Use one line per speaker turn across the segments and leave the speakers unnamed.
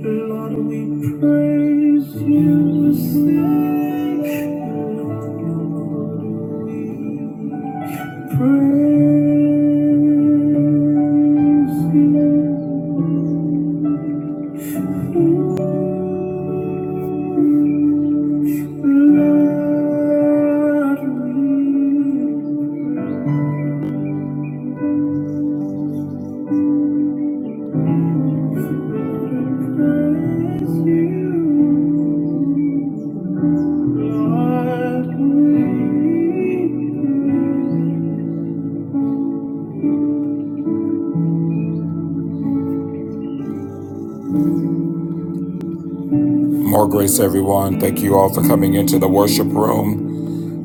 Lord, we praise you, sing praise you. Lord, we praise you. Lord, we More grace, everyone. Thank you all for coming into the worship room.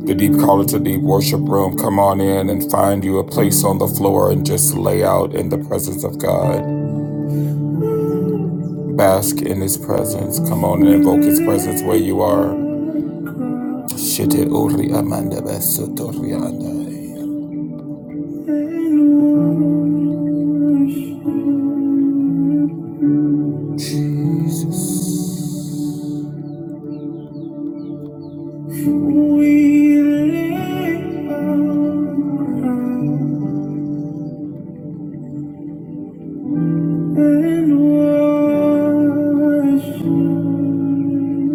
The Deep Call It to Deep Worship Room. Come on in and find you a place on the floor and just lay out in the presence of God. Bask in His presence. Come on and invoke His presence where you are. Shete ori amanda basoto andai. Jesus. We lay our crown and worship.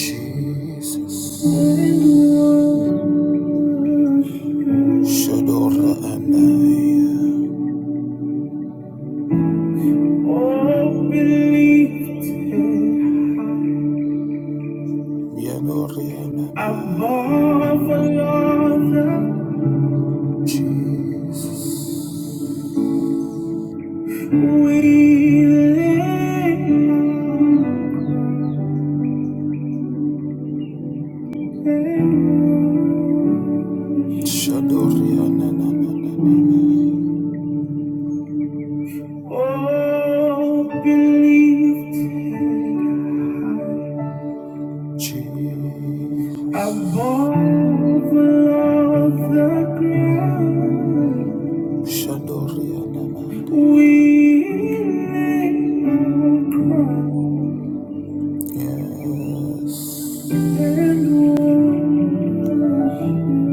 Jesus. Shadora and I. Oh, believe Above all Jesus. We live. Shadoriana. Oh, believe Jesus. above all the ground. Shadoria Namad, We lay our crown. Yes, and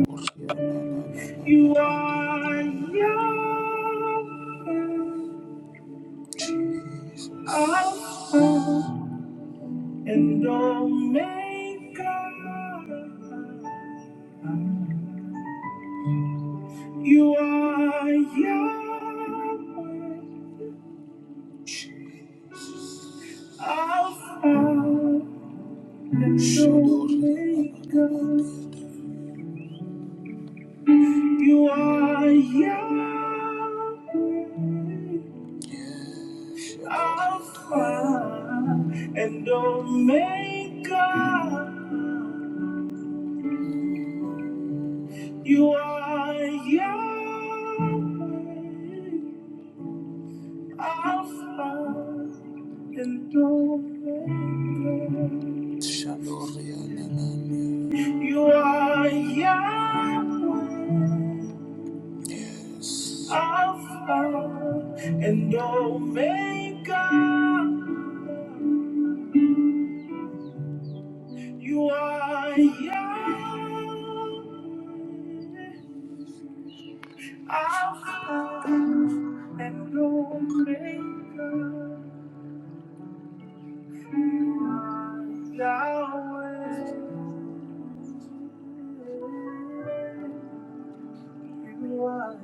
worship. You are young. And Omega, you are Yahweh, Alpha and Omega. You are Yahweh, Alpha and Omega. You are Yahweh, Alpha. and Omega. Shalorianana. You are Yahweh, Alpha and Omega. You are Yahweh, Alpha and Omega. You are Yahweh. You are,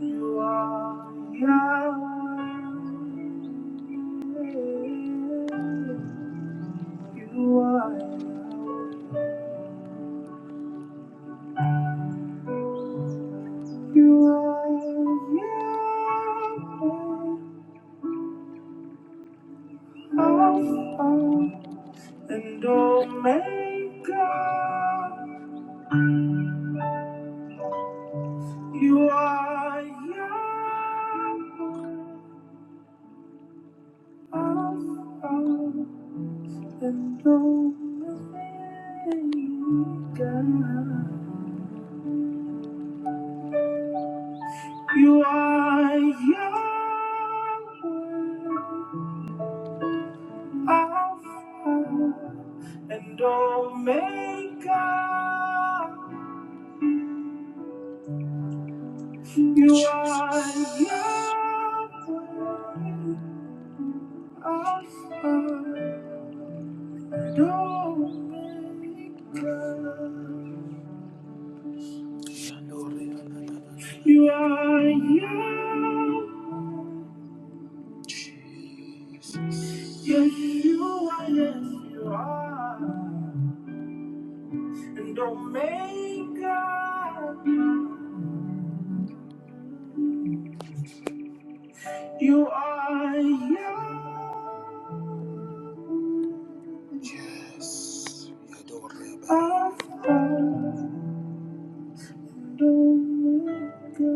you are Yahweh. You are, you are Yahweh. Alpha and Omega. You are Yahweh. Alpha and Omega. You are Yahweh, Alpha and Omega. You are Yahweh, Alpha and Omega. You are Yahweh. Jesus. Yes, you are, yes, you are. and Omega. You are young. Yes. we adore you. Alpha and Omega.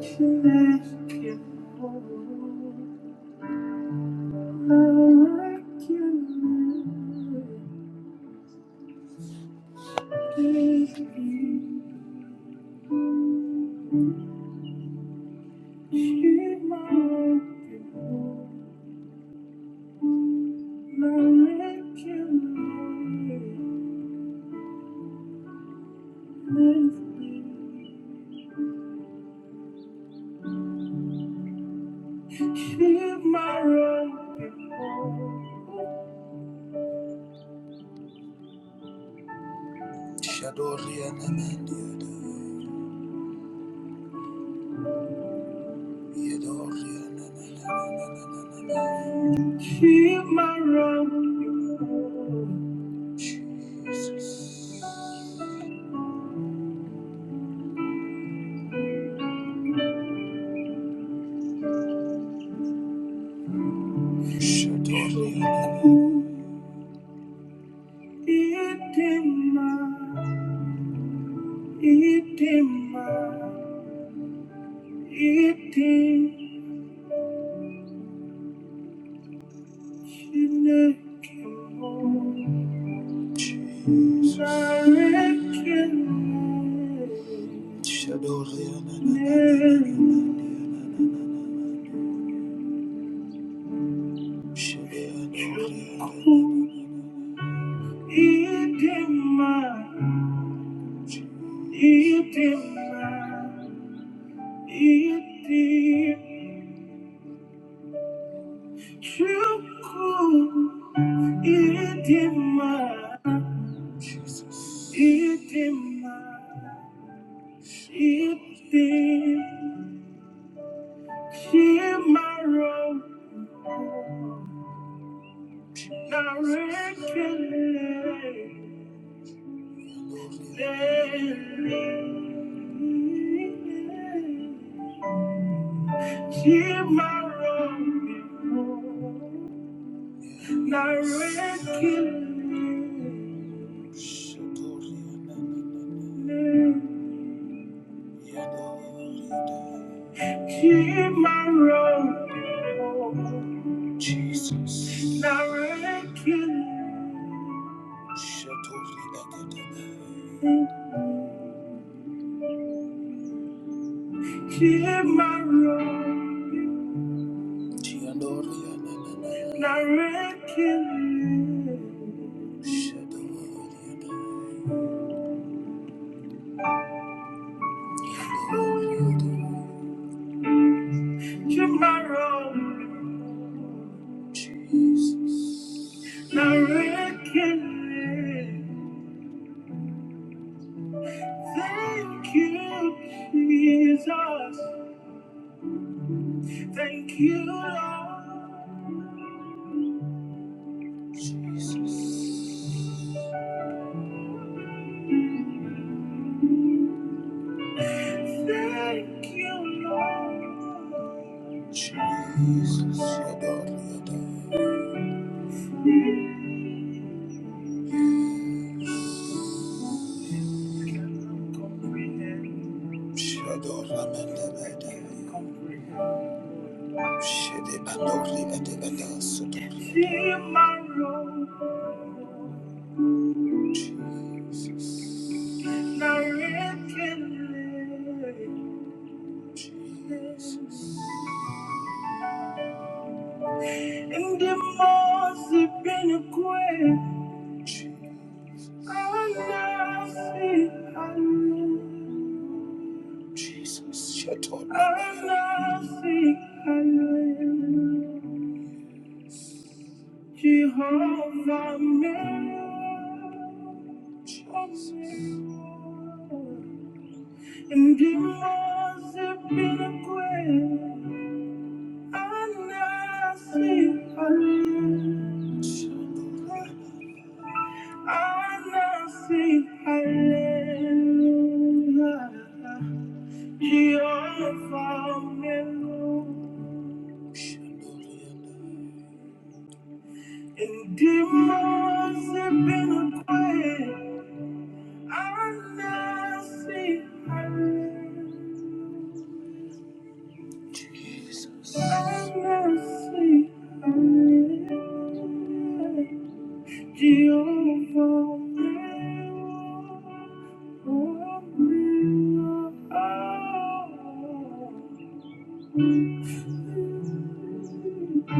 Connected Lord. I can live in you. more. She might be born. I can live. Itim, itim, Jesus. Shukuru, idima, idima, idi, shimaro. Direction led me. She my road before. Direction She my road before. Jesus. Direction. Keep my road. Tiandoria na na na. Direct you. Shadoria Keep my road. Jesus. Direct you. Thank you, Jesus. Thank you, Lord. Thank you, Lord. Jesus. Shadoria na. In the Ramanda Badai. Shede Anokli Adegada Sotokli. Jesus. Jesus. Jesus. Jesus, shut up. Jehovah, Jesus. And you must have been a queen. Anasi, hallelujah. Anasi, hallelujah. Jehovah, Melo. And demons have been acquired. I now see her. Jesus. I now see her. Jehovah. will bring her out. I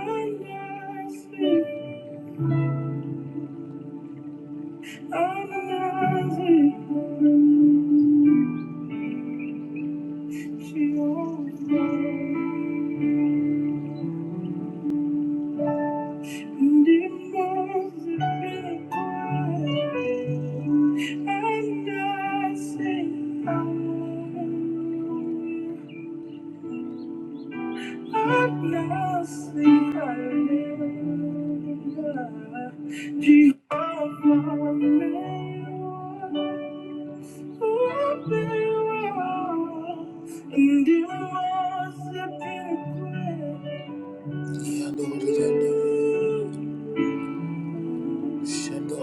now see, I now see. her. She overflowed, and it must have been a crime. And I say, I'm not saying I never. Jehovah, may you Yandere, yandere. Beautiful King, excellent God,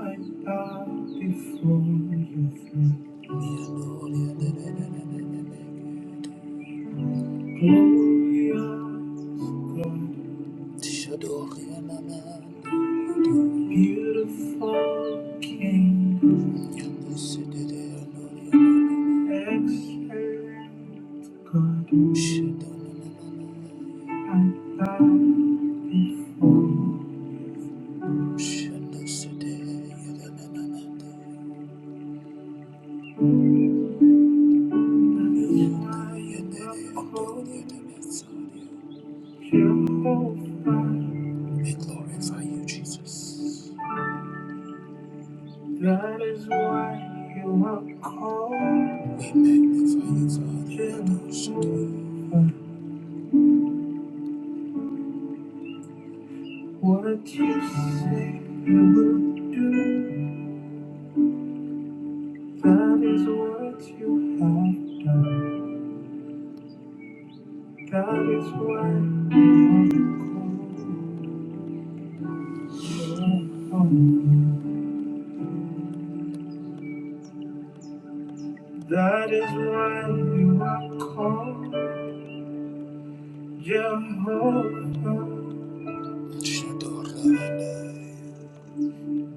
I bow before your throne. Glorious God, Beautiful King, excellent God, I bow before the lion of hope, Jehovah. We glorify you, Jesus. That is why you are called. What you say you will do, that is what you have done. That is why you are called. That is why you are called Jehovah.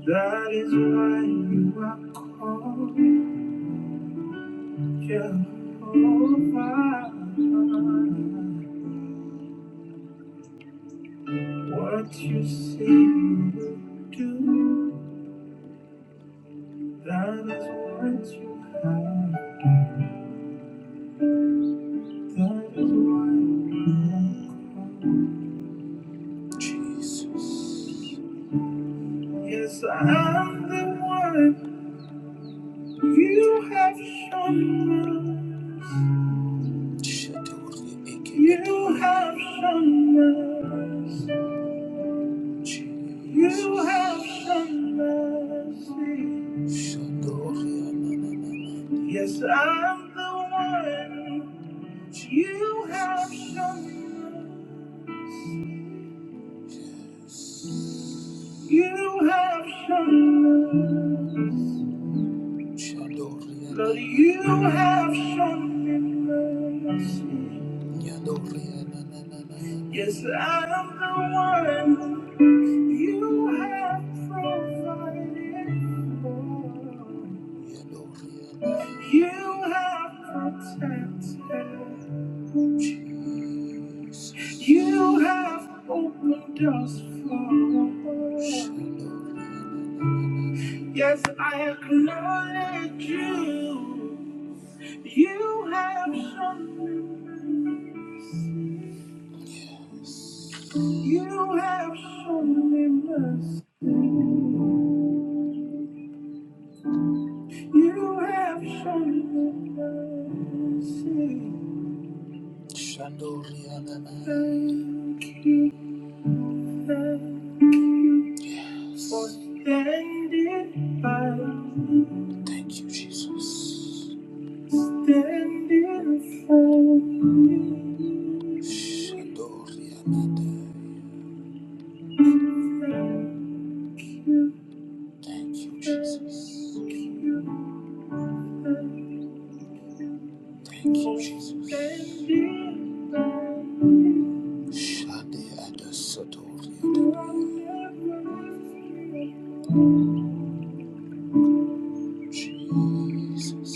That is why you are called. Jehovah, What you say you will do, that is what you have. That is why you are called Jesus. Yes, I'm the one you have shown us. You have shown us. You have shown mercy. Yes, I'm the one. You have shown mercy. You have shown mercy. But you have shown me mercy. Yes, I'm the one you have provided for. You have protected. You have opened doors for us. Yes, I acknowledge you. You have shown me mercy. You have shown me mercy. You have shown me mercy. Shandoriana. Thank you, thank you yes. for standing by me. Thank you, Jesus. Standing for me. Thank Thank you, Jesus. Thank you, Jesus. Shade Adasotori Adonai. Jesus.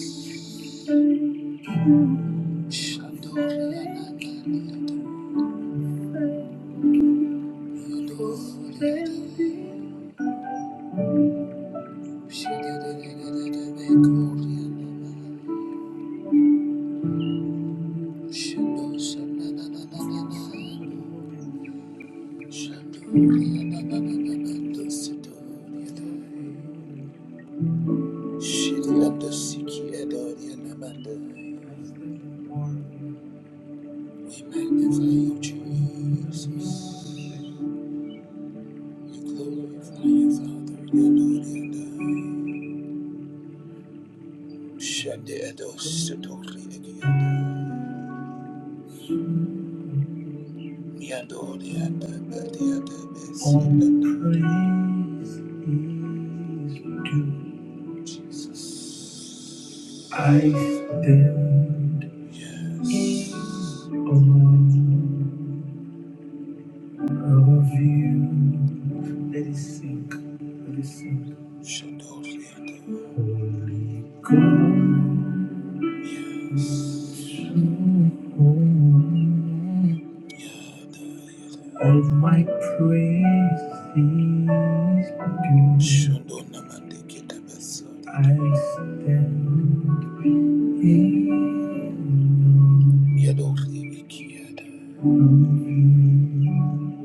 Shadori Ananani Adonai. Yodori Adonai. Shadadadadadadabekori Ananai. Shadosanananananai. I stand Of you, let it sink, let it sink. Holy Ghost, Of my praises due, I stand in awe of you.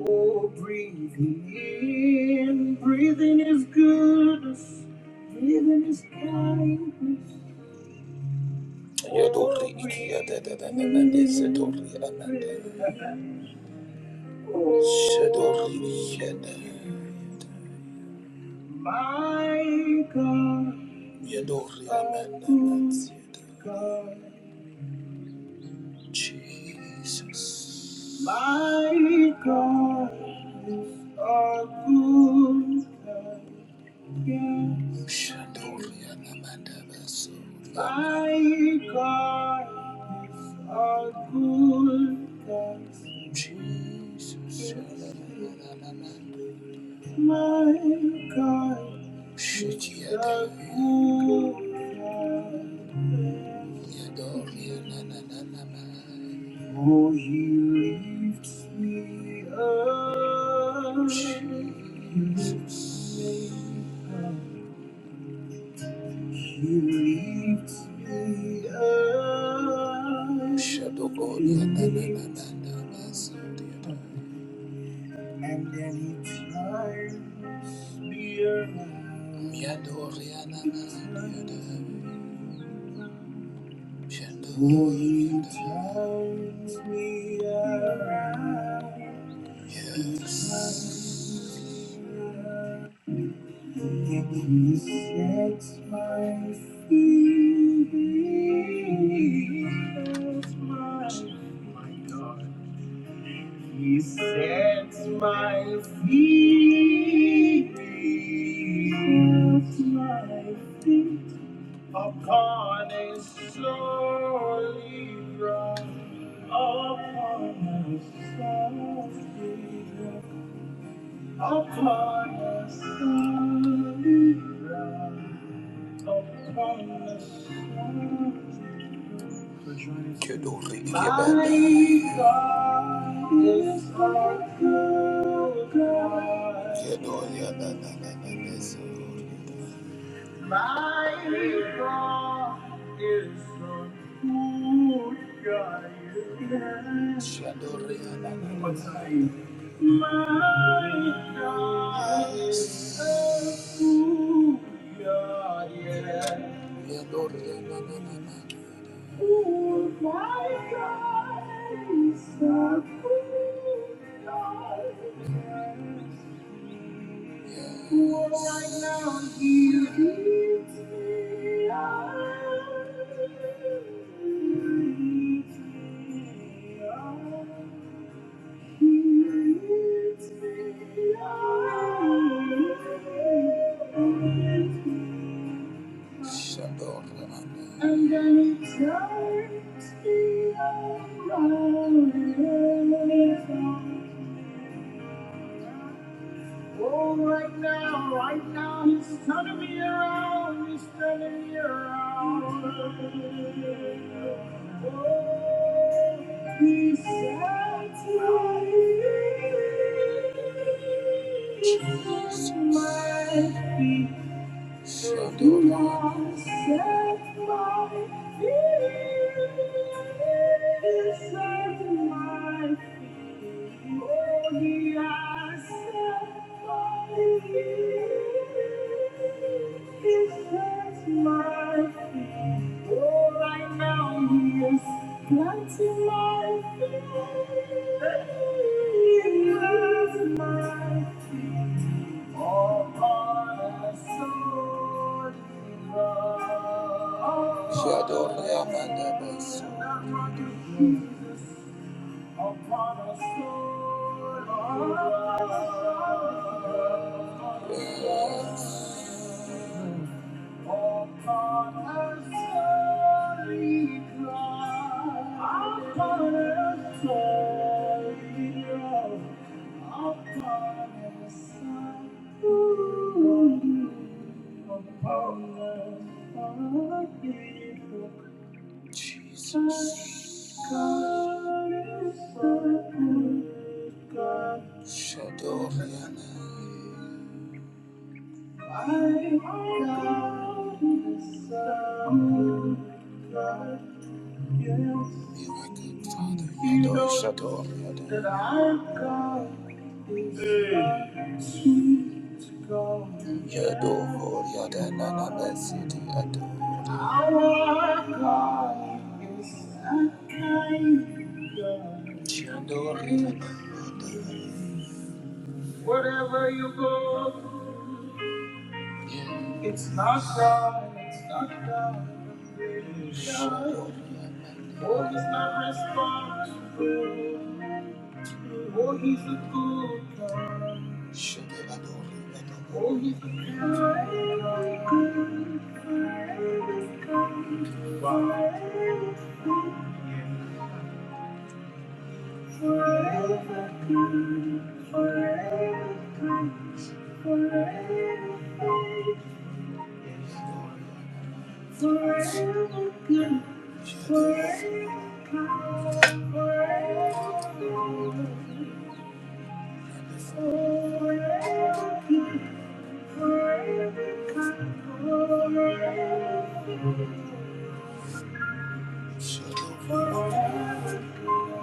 Oh, breathing in, breathing is goodness, breathing is kindness. Oh, breathing in, breathing, oh, My God, Yadori my God, Jesus. my God is a good God. Yes, Shadori Amanda Basuri my God is a good God. Jesus. Yes, my God, Shoot you you adore me, na na na na oh, you lift me up, Jesus, you lift me up, Shadow God, you na na and then he climbs me around. Oh, he climbs me around. He He sets my feet. my God. He sets my feet, sets my feet upon a solid rock, upon a solid rock, upon a solid rock, upon a solid rock. My God is a good God. My God is a good God. My God is a good God. Yeah. Right now? He leads me on. He leads me you. And then it turns me around. Oh, right now, right now, he's turning me around, he's turning me around. Oh, he said to me, Jesus, my feet. So do not set my fears at my feet. Only I set my fears at my feet. Oh, I now Yes. Upon a sorry cross, upon a sorry cross, upon a sorry cross, upon a sorry cross. Jesus. God is so good, God. Shadoriana. I got the sun, God, yes. You're my good father. You know That i have got. is hey. sweet God. Our God is a kind God. Whatever you go through. It's not done, it's not done. Oh, he's not responsible. Oh, he's a good God. Oh, he's a good God. Forever, good, forever, good, forever. good. Forever good, forever, power, forever forever good, forever power, Forever good.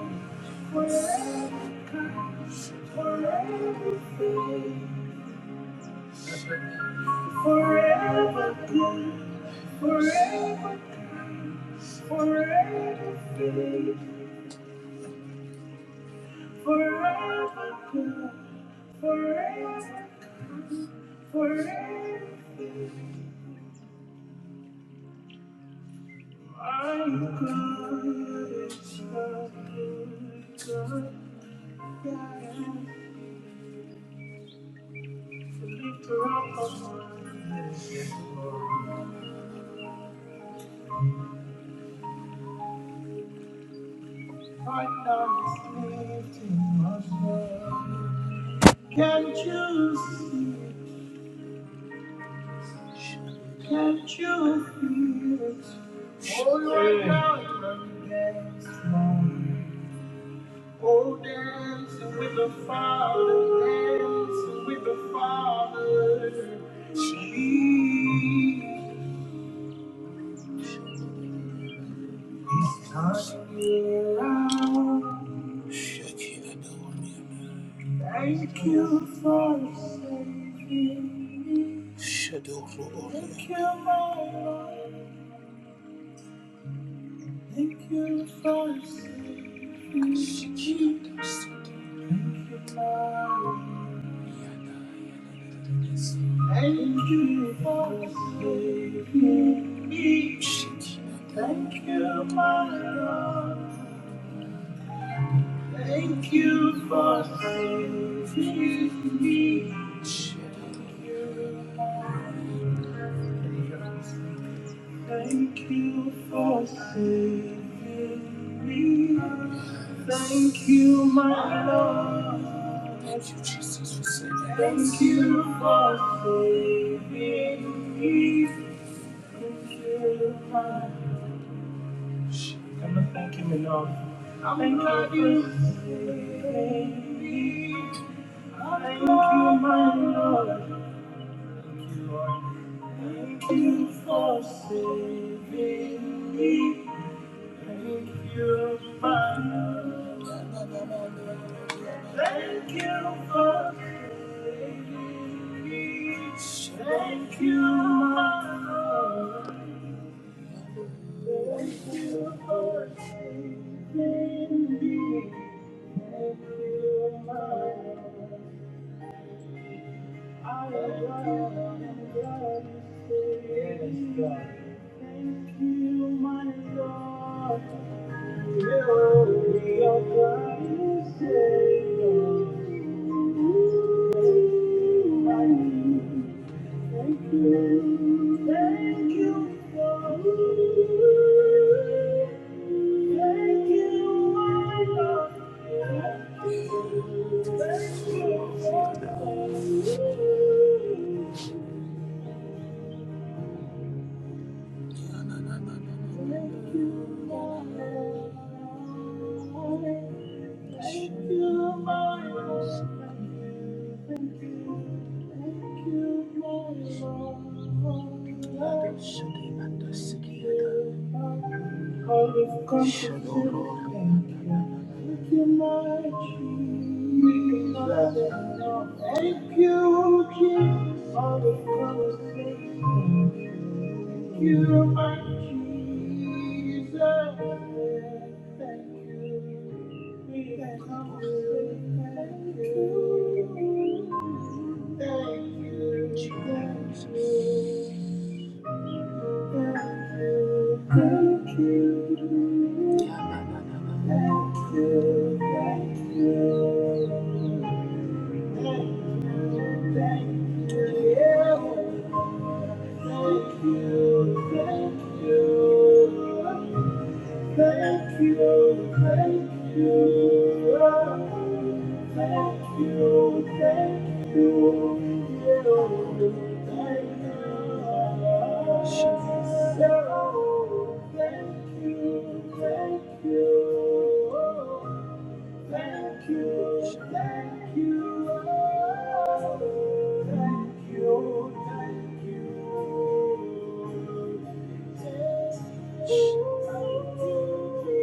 forever good, forever, forever good, forever good, forever good, forever good, forever Forever I'm good, it's the good, The lifter up of my head. Right now it's lifting my soul. Can't you see? Can't you feel it? Oh, right now it's against my Oh, dancing with the Father, dancing with the Father. She's turning around. Thank you for saving me. Thank you, my Lord. Thank you for saving me. Thank you, my Lord. Thank you for saving me. Thank you, my God. Thank you for saving me. Thank you. Thank you for saving me. Thank you, my Lord. Thank you, Jesus, for saving me. Thank you for saving me. Thank you, my Lord. I'm not thanking you enough. Thank you for saving me. Thank you, my Lord. Thank you Lord. Thank you for saving me. Thank you, my love. Thank you for saving me. Thank you, my love. Thank you for saving me. Thank you, my love. I am glad you saved me. Thank you, my love. Thank you. Thank you, Lord. Thank you, my Lord. Thank you, my Lord. I've come to say thank you, my Jesus. Thank you, Jesus. I've come to say Thank you, my Jesus. Thank you. We thank you. Thank you. Thank you. Thank you. Thank you, thank you, oh, thank you, thank you, oh, thank you. Oh, thank you, thank you, Oh. Thank you, thank you, thank you, thank you, thank you, thank you, thank you, thank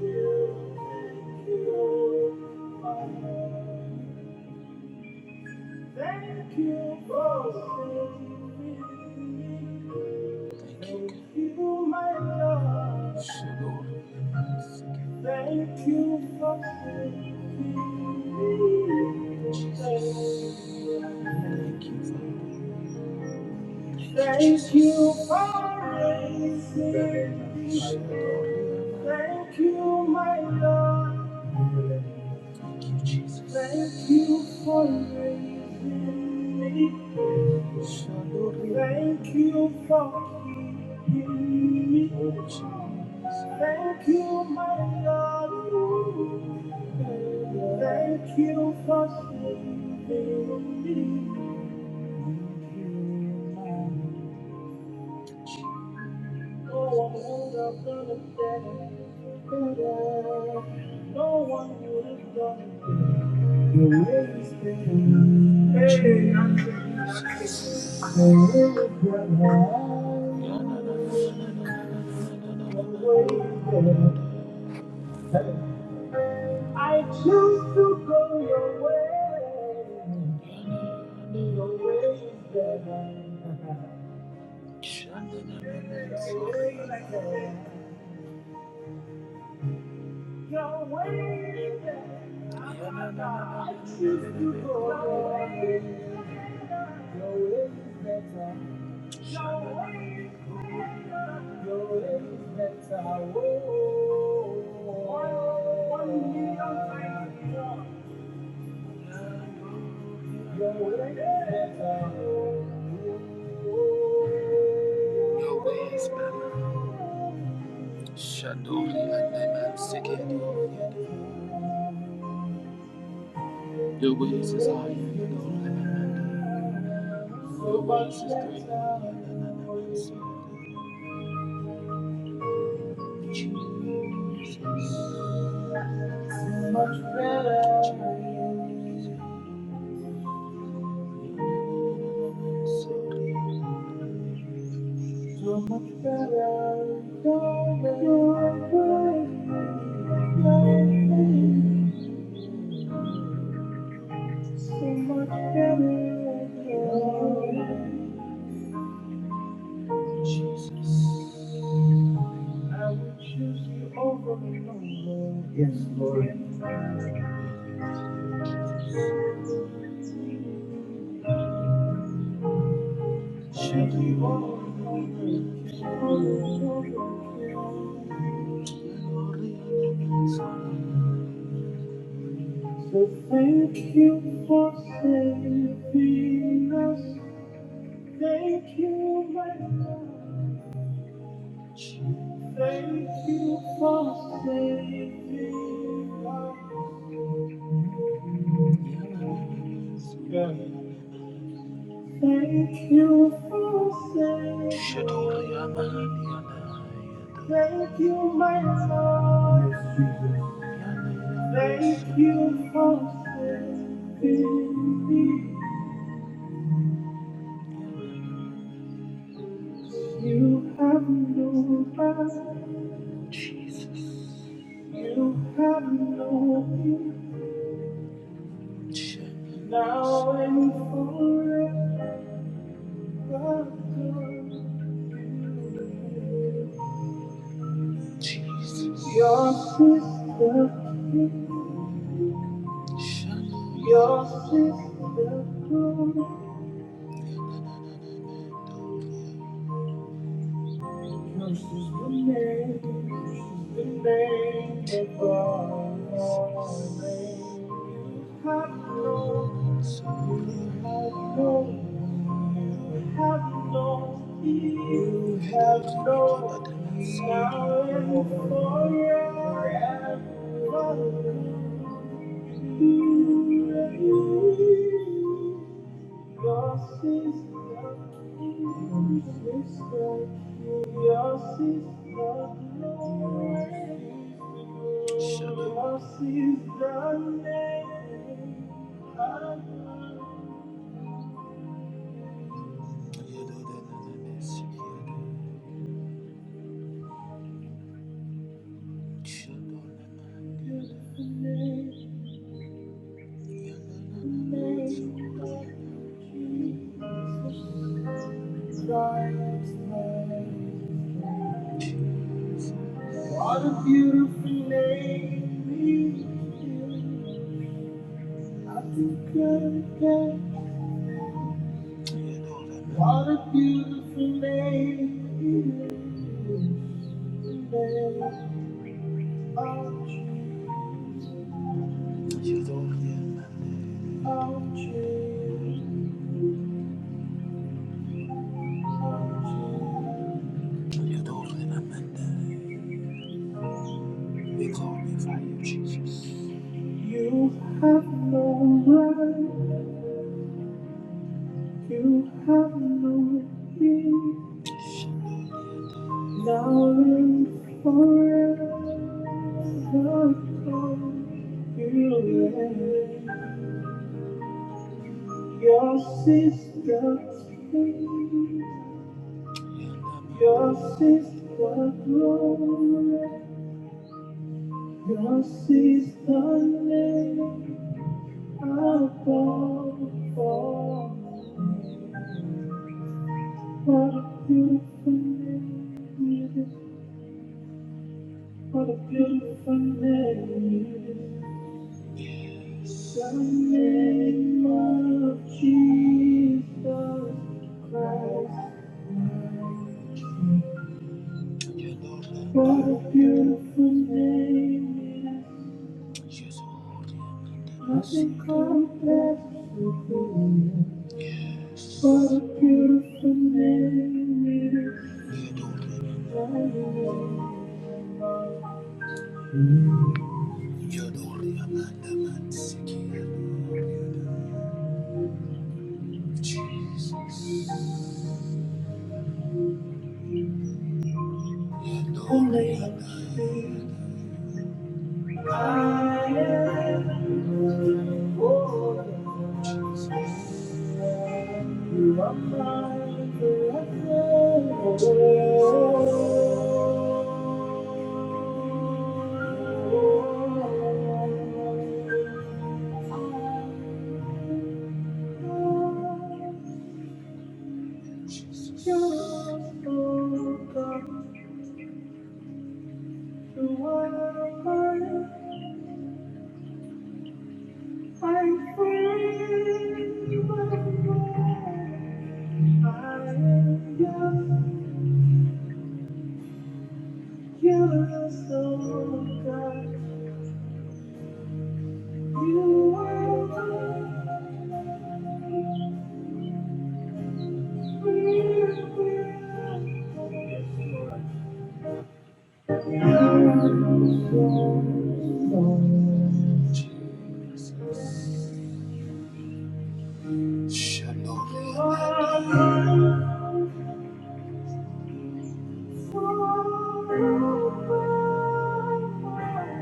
you, thank you, thank you. Thank you for saving me. Thank you. Thank you, my love. Yes, Thank you for saving me. Jesus. Thank you. Thank you for raising. me. Thank you, my Lord. Thank you, Jesus. Thank you for raising me. Thank you for keeping me. Thank you, my Lord. Thank you for saving me. I choose to go your way. Your way is better. Your way, I choose to go. Your way Your way is better. Your way is better. Oh, your way is better. Your way is better. Shandoli and I'm the man Your ways is higher. Yes, Lord. Thank you, Lord. Thank you, Lord. So thank you for saving us. Thank you, my God. Thank you for saving us. God. Thank you for saving us. Thank you, my God. Thank you for saving me. You have no power. You have no vision now and forever. Jesus. Your sister, Shalom. your sister, this is the name, the name above all names. You have no you have known. have no you have no now and forever. Your sister, sister, your sister, your sister, what a beautiful name. we I think I can. What a beautiful name. we You We glorify you, Jesus. You have no right. You have no king. Now and forever. You reign. Your sister, king. your sister, glory. Yours is the name above all. What a beautiful name it is. What a beautiful name it is. The name of Jesus Christ. What a beautiful name it is. Nothing compares with you. What a beautiful name it is. Jesus. Only I am. I am. Oh, you are mine forever. You're so good. You are. Jesus.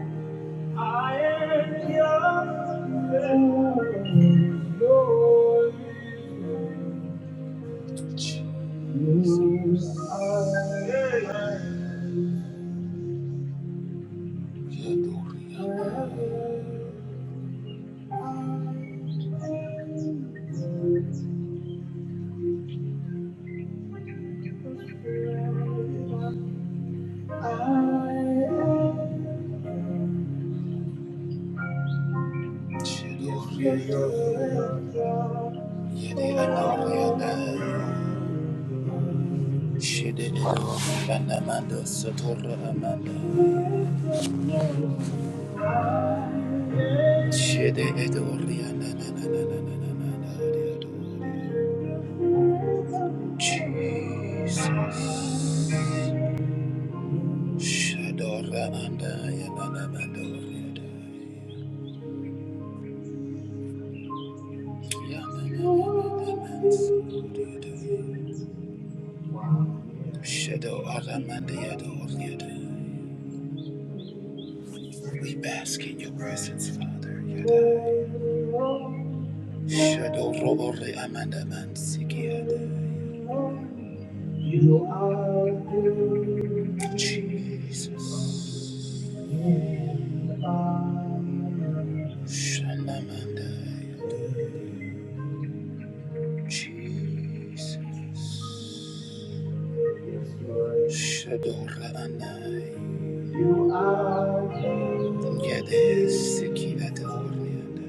Jesus. Shadow, manda ya manda manda oriada. Ya manda manda manda manda oriada. Shadora manda ya oriada. We bask in your presence, Father. Yadai. Shadow Robore Amanda Mansiki Yadai. You are good. Jesus. You are good. Shanamanda Yadai. Jesus. Shadora anai. Yadesiki adoriana.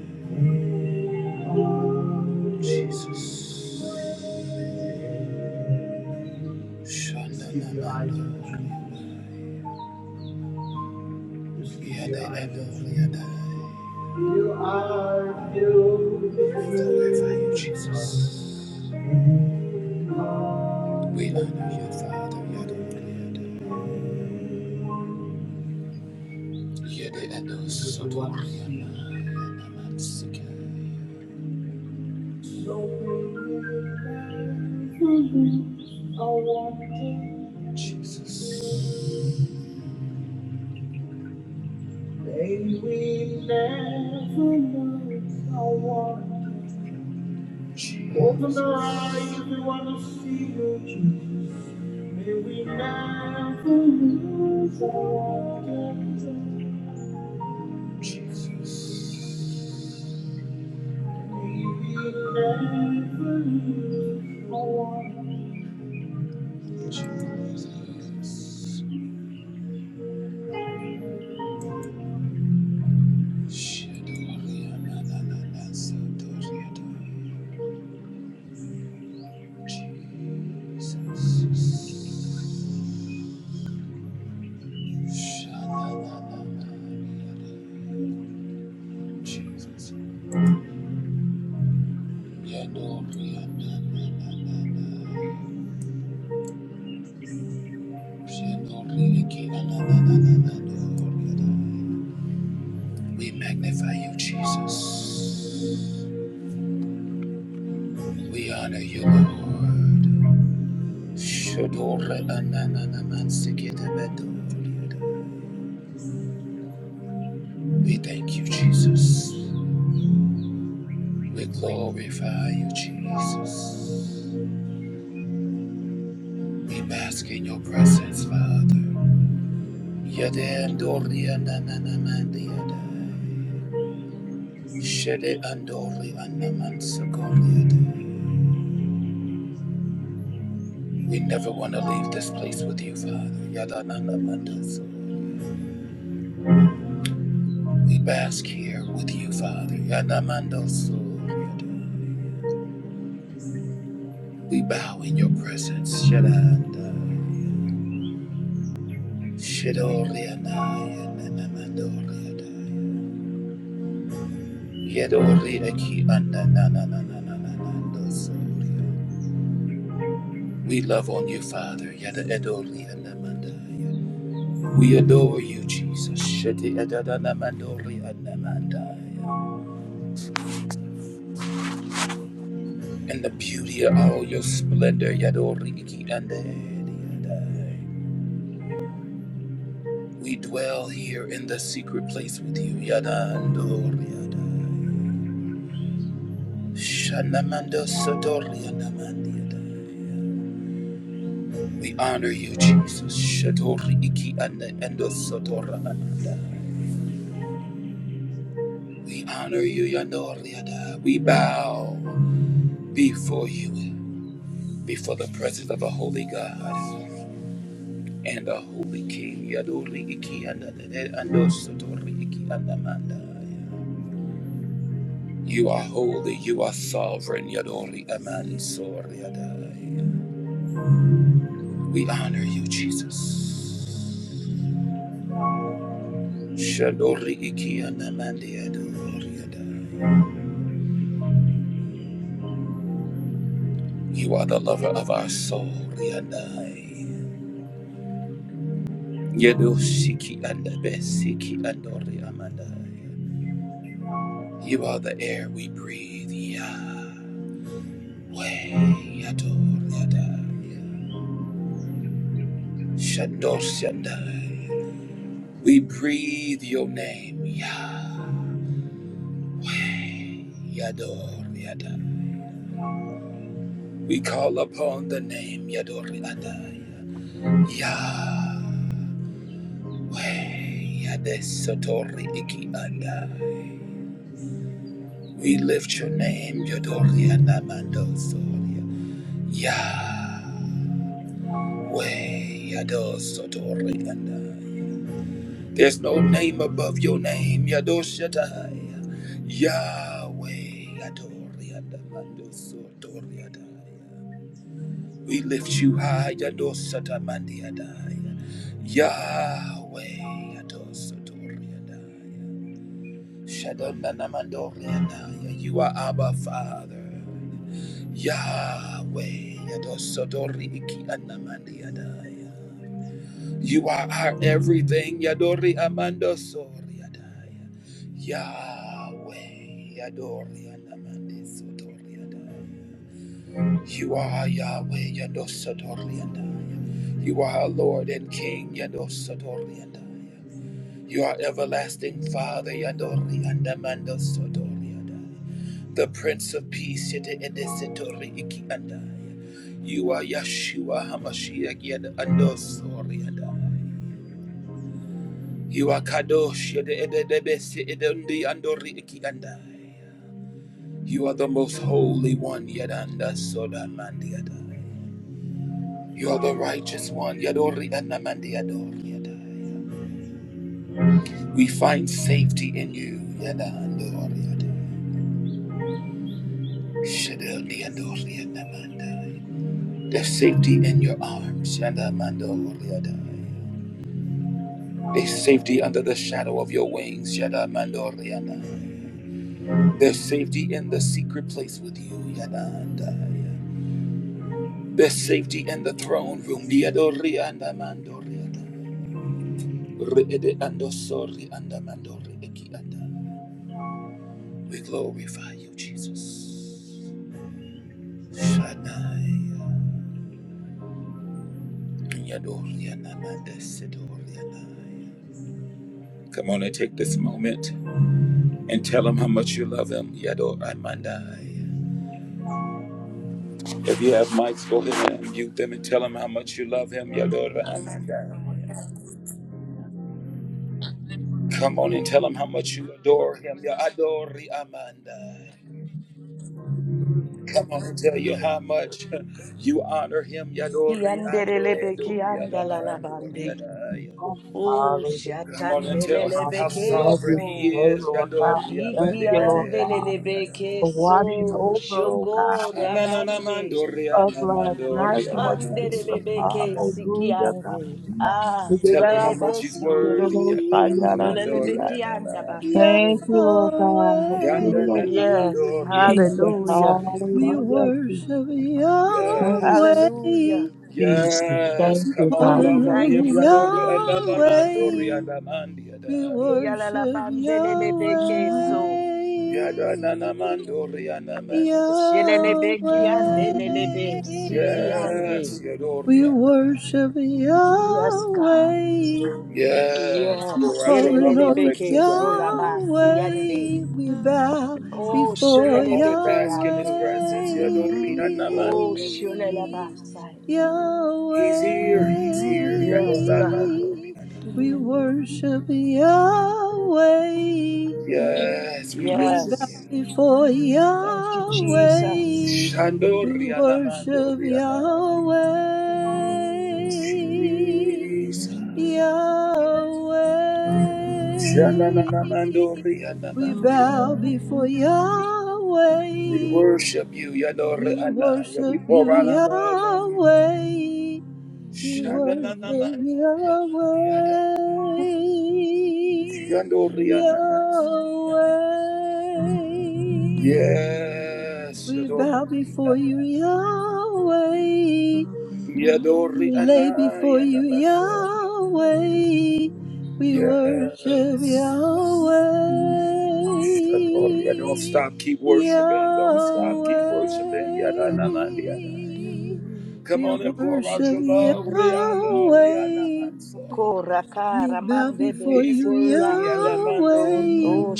Jesus. Shananana. Yada adoriana. We glorify you, Jesus. We honor you, Father. Yadoriana. Yada adosodoriana. Yanamansikaya. Jesus. May we never know how wide. Open the eyes if we want to see you, Jesus. May we never lose our wonder. Jesus. May we never lose our wonder. Jesus. We magnify you, Jesus. We honor you, Lord. We thank you, Jesus. We glorify you, Jesus. We bask in your presence, Father. Yade andori ananamandiyadai. Shede andori anamansakoriadai. We never want to leave this place with you, Father. Yadananamandaso. We bask here with you, Father. Yanamandaso. We bow in your presence. Shadandai. Shidorianai ananamandoriadai. We love on you, Father. We adore you, Jesus. Sheti In the beauty of all your splendor, We dwell here in the secret place with you, Shanamando sotori We honor you, Jesus. Shatori iki anda ando sotora anda. We honor you, Yandori ada. We bow before you, before the presence of a holy God and a holy King. Yadori iki anda ando sotori iki anda manda. You are holy. You are sovereign. Yadori amani sori ada. We honor you, Jesus. Shandori iki anda mandi adori ada. You are the lover of our soul, Yadai. Yadoshiki and Besiki and Amandai. You are the air we breathe, Yahweh Yador Yadai. Shandos Yadai. We breathe your name, Yah Yador Yadai. We call upon the name Yador Yadai. Yahweh Yadesatori Iki Andai. We lift your name, Yodoria Namando Soria. Yahweh Yados Sotorianda. There's no name above your name, Yadoshatai. Yahweh Yadorianda Mando Sotoriadai. We lift you high, Yadosatamandiadai. Yahweh Yados Sotoriadai. Shadonanamandoria. You are Abba Father. Yahweh, Yadosodori Iki Anamandi Adaya. You are our everything, Yadori Amando Sori Adaya. Yahweh, Yadori Anamandi Sodori Adaya. You are Yahweh, Yadosodori Adaya. You are our Lord and King, Yadosodori Adaya. You are everlasting Father, Yadori Andamando Sodori Adaya the Prince of Peace, Yete Edesetori Iki Andai. You are Yeshua Hamashiach Yed Andosori Andai. You are Kadosh Yede Edebesi Edundi Andori Iki Andai. You are the most holy one Yedanda Soda Mandi Adai. You are the righteous one Yadori Anamandi Adori Adai. We find safety in you Yedandori Adai. Shedeldi Andori Anamandai. There's safety in your arms. Shanda mando riadai. There's safety under the shadow of your wings. Shanda mando riadai. There's safety in the secret place with you. Yadandai. There's safety in the throne room. Diado rianda mando riadai. Riede ando sori anda mando rieki anda. We glorify you, Jesus. Shaddai. Yado rianda mande Come on and take this moment and tell them how much you love them. Yador Amandai. If you have mics, go ahead and mute them and tell them how much you love him. Yador Amandai. Come on and tell him how much you adore him. Yadori Amandai. Come on and tell you how much you honor him. Yadori Ande,
Yandelelebeki
Dori Adonai, Dori
Thank
andalalabande.
you. Jesus.
Adonai.
Oh,
Hallelujah.
Come on and tell him how
Father, I
shatandelelebeke
love
sovereign
you today,
he
so.
is.
Lord God.
Yadori
Thank
Iki
Amande,
you, Lord God,
Ede, Dori Adonai.
andelelebeke
for watching
so.
over, oh
Shoko
God,
rabande.
Shananamandori Anamandori
us
Adonai,
last night,
Dori
Lord Jesus.
Anaman, Dori
Andelelebeke
Adonai.
siki
Hallelujah, God.
ande. Ah,
We did
Tell
that
him how
all by
much he's
the
solelebeso.
Spirit of the
worthy.
Most
Yada
High,
na na
God. I
na
speak it, oh, Shai, Yada, Sia.
dori,
Solelebeki
yada na na.
Thank
andabasike.
you, Lord God, for
Yahweh,
giving
Yanda
us
na na na
Yes,
dori, yada
Jesus.
na
hallelujah.
sorry. Yada.
we
Hallelujah,
worship
Jesus. Thank you,
Thank
Yes.
Yahweh,
Hallelujah.
Jesus. Thank
Yes.
you,
Come on and
God.
calling
love
you.
on
on
Thank
him.
you,
Yadori,
God.
yada na na dori,
Yahweh,
yada na na,
we
yada.
worship Yahweh,
Yalalabandelelebeke so.
Yada na na na dori, yada na na.
Shilelebe kiande
Yahweh,
lelebe sikiande.
Yes. Yadori,
we
yada.
worship
Yes, God.
Yahweh.
Yes.
Yes,
We
Pour out your
calling
love and
on
shilelebeke
affections on him.
sulaba siande.
Yahweh. We bow
Oh,
before
Come on and
shilelebeke
Yahweh.
bask in his
ande.
presence. Yadori, yada na
Oh,
na.
shilelaba saya.
Yahweh.
He's here. He's here.
Yes, God.
Yadoramandoriana.
We worship Yahweh.
Yes, we
We
worship
bow
Yes.
you.
before Yahweh.
Thank you, Jesus.
Thank you.
We worship Yahweh.
Shandorianamandoriana. Jesus.
Yahweh. We bow
Shananamandorianamandia.
before
We
Yahweh.
worship you,
We
Yadoramandoriana. We
worship you,
pour out our love on you.
Yahweh. We worship Yahweh,
Shananamandorianamandiada.
Yahweh.
Yandorianamandiada. Yes,
We bow before
Yadoramandoriana.
you, Yahweh.
Yadori
We lay before
Anaya
you, Yahweh.
Namaso.
We worship
Yes.
Yahweh.
Yadori, yeah, Don't stop, keep worshiping. Don't stop,
Yahweh.
keep
Yandere,
worshiping. Yadanamandi Anaya. Come
We
on and pour out
worship
your love. Riando Riana
Yahweh.
Manso.
We
Korakara
bow before
mandebe
He's
you,
worthy.
sikiande.
Yadamando
Yahweh.
Oh,
Riana.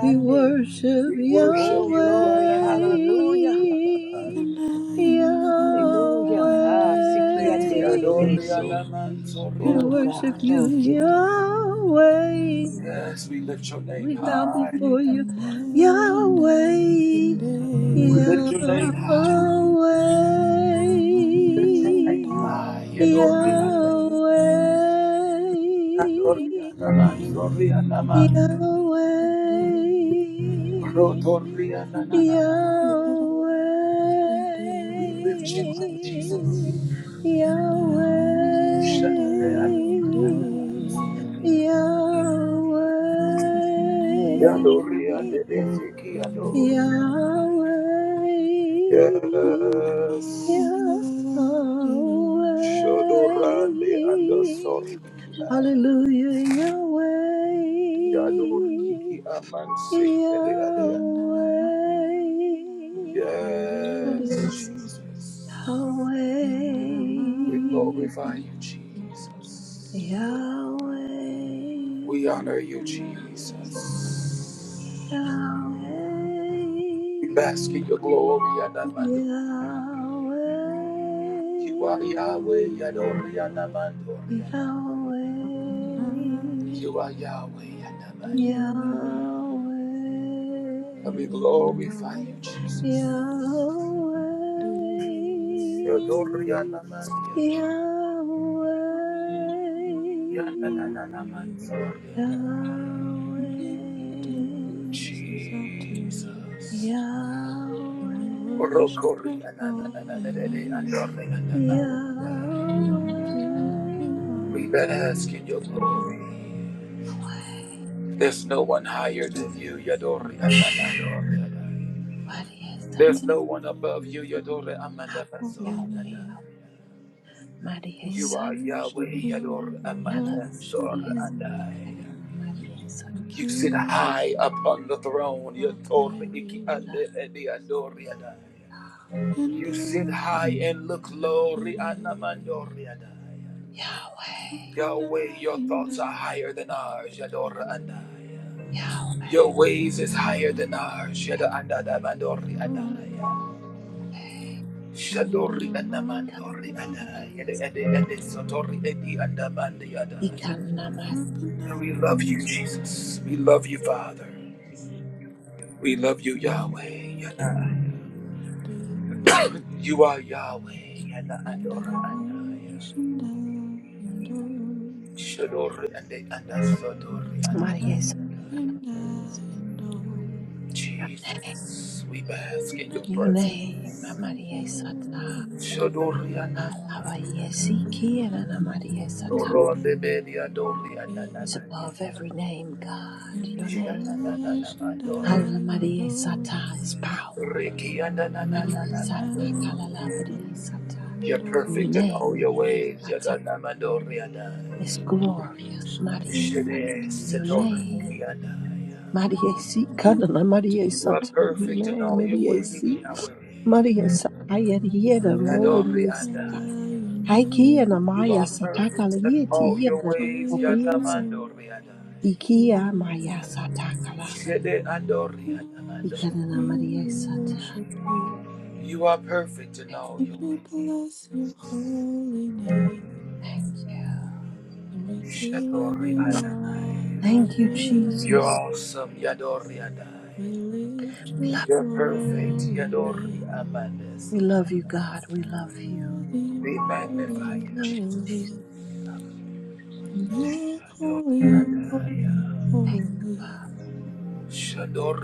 We worship
We worship
Oh,
you.
glory.
Yahweh.
Yanananando
Hallelujah.
Riana. Mandi.
Yahweh.
Hallelujah. Ah, sikiande
Riando
lelebe so.
Riana Manso
We
Oh,
Riana.
God.
worship
Thank
you,
you.
Yahweh.
Yes, we lift your name
We bow before you,
high.
Yahweh,
We lift
Yahweh,
your name high. Ah, Yadorianda.
Yahweh.
Thank
Yadorianda, man, Yadorianda, man.
Yahweh,
Rotorianda, na, na, na, na.
Yahweh,
We lift you up, Jesus.
Yahweh,
Shandorianda, Yadorianda.
Yahweh,
Yadorianda, Besiki, Yador.
Yahweh. Yahweh.
Yes. Shodorande and Sorikila.
Hallelujah, Yahweh.
Yadoriki Amansi.
Yahweh. What do
Yes,
you
you.
say?
Jesus.
Thank you.
Yahweh.
We
We
glorify you, Jesus.
Yahweh.
We honor you, Jesus. We bask
Yahweh.
in your glory and amando. You are Yahweh, Yadori and
Yahweh,
amando.
Yahweh,
honor you,
You are Yahweh, Yadamandi.
Yahweh,
And we glorify you,
Yahweh,
Jesus.
Yahweh,
Yadori and amando.
Yahweh,
we honor
Yananananamanso.
you, and we lift our voices up to you.
Jesus.
And we
We
worship your holy name.
Yahweh,
And we give you
bask
all
in your
the
Yahweh.
praise.
glory. There's no
We
one higher
lift you
than you,
up, we
Yadori
lift you up.
Amandori.
Maria
And
There's
Sata,
no
we
one above you, Yadori
magnify your
Amanda
holy
Yahweh,
Fasori
name.
Adai.
Yahweh, Maria
We
You are
Sata,
worship
Yahweh,
you,
Yador
we
Yahweh,
Amanda
worship
Sor
Maria
you.
Sata,
Andai.
Karana, Maria Sata,
We
You
give
sit
you
high upon the throne,
all our
Yator
Maria
Iki
praise.
Sata,
Ande Edi Andor Yadai. You sit
Yandarara,
high and look
Maria,
yandarara,
low,
yandere.
Rianamandor Yadai.
Yahweh,
Rokana,
Yahweh, your thoughts are
yandere,
higher than ours, Yador
yandere.
Adaya.
Yahweh,
Your ways is higher than ours, Yador Adada Mandori Adaya. Shadori Adamandori Adaya.
Maria
Yada Ede
Sata,
Ede Sotori Edi Adamandi Adaya.
Ikana, Maria,
And we love you, Jesus. We love you, Father. We love you, Yahweh. Yada. You are Yahweh, Yada Ador Adaya. Shadori Ede Anda Sotori
Maria Sata,
Adaya. Jesus, we bask in your
your
presence.
name, Maria Sata,
Indra
Shodoriana,
Alaba, Yesiki, and
We
Anna Maria Sata,
Doronde Bedia, Doriana,
is above every name, God, your name.
Shananana,
Ave Maria Sata is power. Maria Sata Kalala
Rikiana,
Maria Sata.
You're
Your
perfect in all
name,
your
Maria
ways,
Sata,
Yadana
is
Mandoriana.
glorious. Maria
Shede,
Sata,
Worshiping,
your
worshiping,
name.
Setorikiana.
Maria Si
we worship you, and we
Kanana
lift
Maria
your
You are
Sata,
holy
your
perfect in
name,
all your
Maria
ways,
name.
Si.
Yahweh.
Maria Sata
We
Yerieda Mo Maria
glorify
Sata.
Adoriana.
your
Haikia na
name.
You
Maya
are
Sata
perfect in
Kalayeti
all
We
your
Yena
ways,
give
Opaya Sata.
you
Yanamando
all the
Riadai.
Ikia Maya
praise.
Sata Kalabadi.
Shede Andori
We worship you,
Ikanana
Yanamando.
Maria
we
Sata.
worship you.
You are perfect in all
And
your
we
ways.
bless your holy name, and we give
Shadori
you all
Adai.
our
Thank you,
You're
Jesus.
praise.
awesome, Yadori
We
Adai.
lift
We
your
love,
You're perfect,
holy
Yadori
name.
we
Amandeso.
love you, God. We love you.
Worthy,
We magnify
worthy,
you, Jesus.
Jesus.
worthy. And you're
Shadori
holy, holy,
Adai.
Thank you.
holy.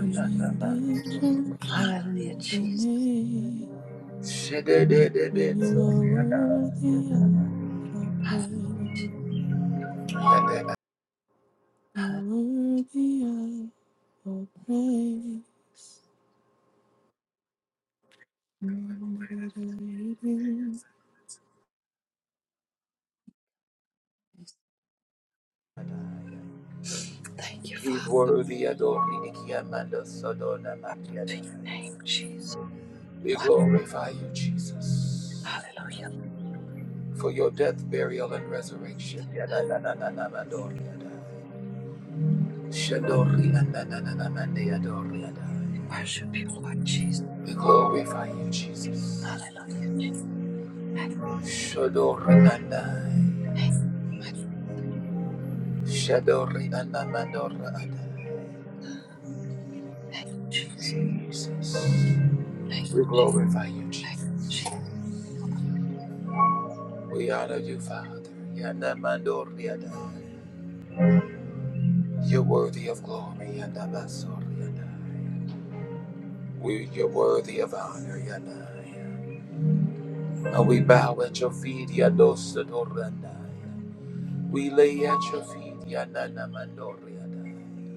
And we lift
Adai.
your
Hallelujah,
holy
Jesus.
name.
Shede de de
And
de
you are
Zori
worthy of our
Hallelujah.
praise.
Adai.
Hallelujah.
You're worthy of our praise. God, we
Thank you,
He's
Father,
worthy, Adori Ikiamanda Sodona
to
Mandiada.
your name, Jesus.
We
One.
glorify you, Jesus,
Hallelujah.
for your death, burial, and
Lord.
resurrection. Yada, na, na, na, na, Mandori, Yada. Shandori, Anda, Mandi, Adori,
We
Yada.
worship you, Lord Jesus.
We glorify you, Jesus.
Hallelujah, Jesus. Thank,
Shodori Anda.
thank,
Shadori Anda Mandora
thank you, Jesus.
Jesus.
Thank you,
We
Jesus.
glorify you,
Thank
Jesus.
you, Jesus.
We honor you, Father. Yana Mandori Anda. You're worthy of glory, Yadabasoriadai. We, you're worthy of honor, Yadai. And we bow at your feet, Yadosadorandai. We lay at your feet, Yadanamandoriadai.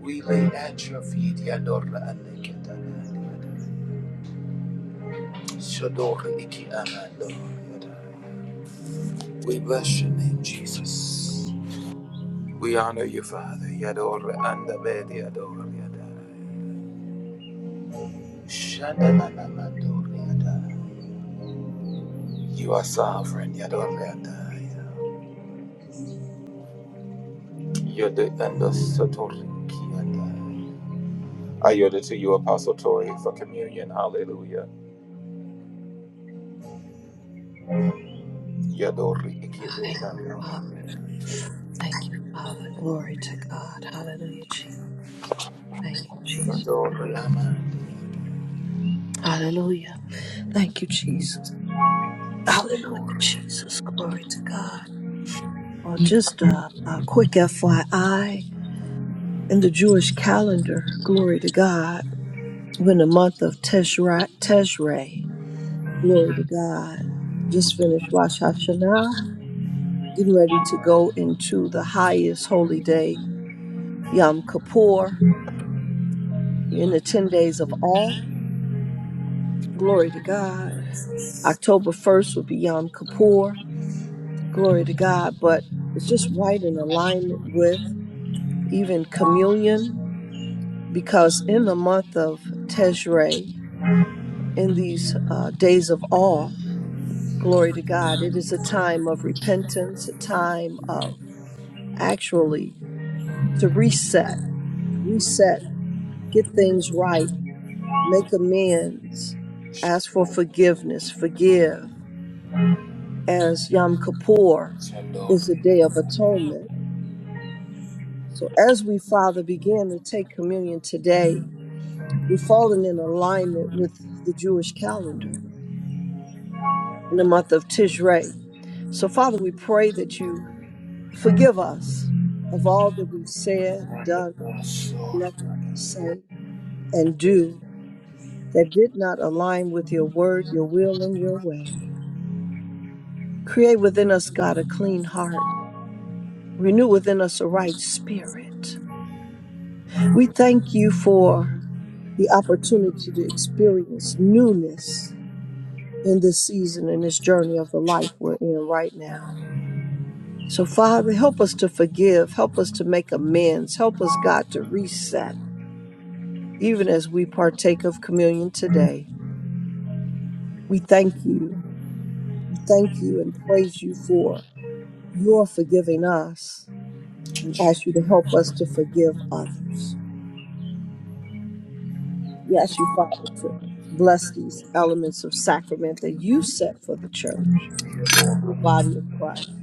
We lay at your feet, Yadoraneketadai. Shadoriki Amandoriadai. We bless your name, Jesus. We honor you, Father, Yador and the Bedi Adoriadai. Shadanamandoriadai. You are sovereign, Yadoreadaya. Yode and the Sotorikiadaya. I yield it to you, Apostle Tori, for communion. Hallelujah. Yadori
I thank you, Father.
Ikiadaya.
Thank you, Father. Glory to God. Hallelujah, Jesus. Thank you, Jesus.
Sotori Aman.
Hallelujah. Thank you, Jesus. Hallelujah,
Shadori.
Jesus. Glory to God. Well, just a, a quick FYI in the Jewish calendar, glory to God, when the month of Teshri, Teshri glory to God, just finished Rosh Hashanah, getting ready to go into the highest holy day, Yom Kippur, in the 10 days of all, glory to God. October 1st would be Yom Kippur, glory to God, but it's just right in alignment with even communion because in the month of Tejre, in these uh, days of awe, glory to God, it is a time of repentance, a time of actually to reset, reset, get things right, make amends, ask for forgiveness, forgive, as Yom Kippur is the
Shadori.
Day of Atonement. So as we, Father, begin to take communion today, we're falling in alignment with the Jewish calendar in the month of Tishrei. So, Father, we pray that you forgive us of all that we've said, done,
Yador. Shadori.
neglected to say, and do that did not align with your word, your will, and your way. Create within us, God, a clean heart. Renew within us a right spirit. We thank you for the opportunity to experience newness in this season and this journey of the life we're in right now. So, Father, help us to forgive. Help us to make amends. Help us, God, to reset, even as we partake of communion today. We thank you. We thank you and praise you for your forgiving us and ask you to help us to forgive others. We ask you, Father, to bless these elements of sacrament that you set for the church, your body of Christ.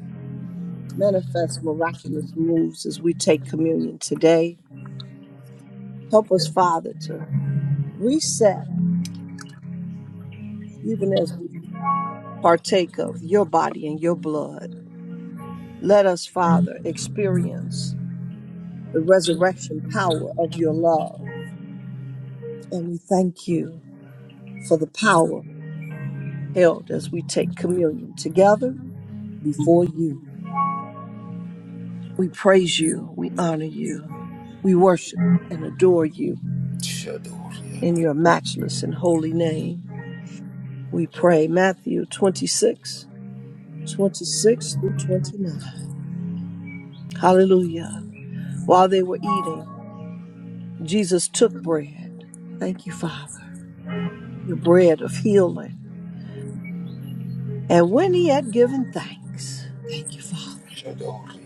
Manifest miraculous moves as we take communion today. Help us, Father, to reset even as we partake of your body and your blood, let us, Father, experience the resurrection power of your love. And we thank you for the power held as we take communion together before you. We praise you, we honor you, we worship and adore you
Shadori.
in your matchless and holy name. We pray Matthew 26, 26 through 29. Hallelujah. While they were eating, Jesus took bread. Thank you, Father, your bread of healing. And when he had given thanks, thank you, Father,
Shadori.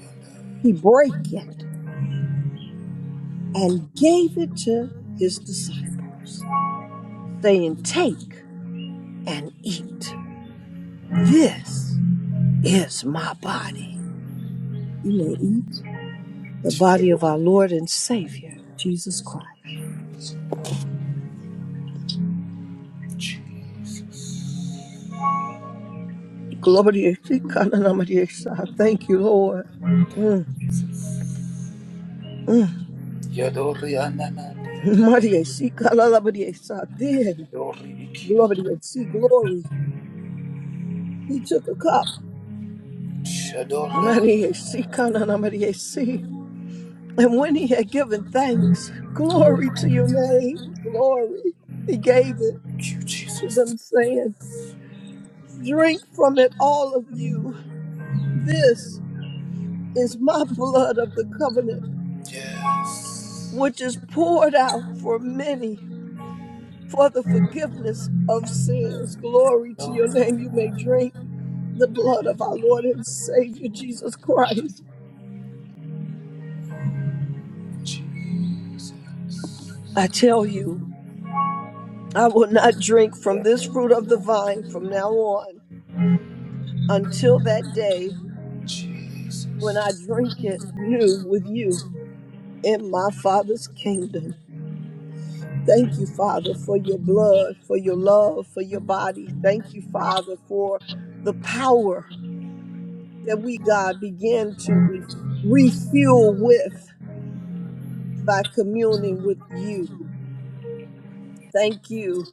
he brake it and gave it to his disciples, saying, Take and eat. This is my body. You may eat the body of our Lord and Savior, Jesus Christ. Glory to God. Thank you, Lord. Mm, mm.
Yadori Anaman.
Maria, she called out, Maria, she Then
Shadori
Glory
Ikiadaya.
to see glory. He took a cup.
Shadori.
Many see kanana Maria see. And when he had given thanks, glory to your name, glory, he gave it
Thank you,
to
Jesus.
them, saying, Drink from it, all of you. This is my blood of the covenant,
Yes.
which is poured out for many for the forgiveness of sins. Glory to
Shadori.
your name. You may drink the blood of our Lord and Savior Jesus Christ.
Jesus.
I tell you. I will not drink from this fruit of the vine from now on until that day when I
Jesus.
drink it new with you in my Father's kingdom. Thank you, Father, for your blood, for your love, for your body. Thank you, Father, for the power that we, God, begin to re- refuel with by communing with you. Thank you.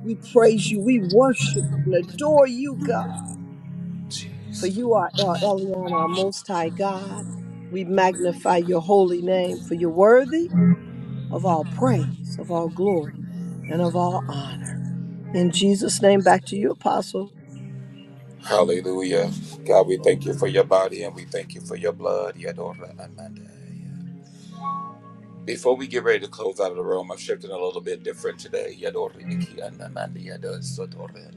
We praise you. We worship and adore you, God. For
Jesus.
you are El Elyon, our Most High God. We magnify your holy name, for you're worthy of all praise, of all glory, and of all honor. In Jesus' name, back to you, Apostle.
Hallelujah. God, we thank you for your body and we thank you for your blood. Yadora Amanda. Before we get ready to close out of the room, I'm shifting a little bit different today. Yadora Iki Anamanda Yadora Sotora.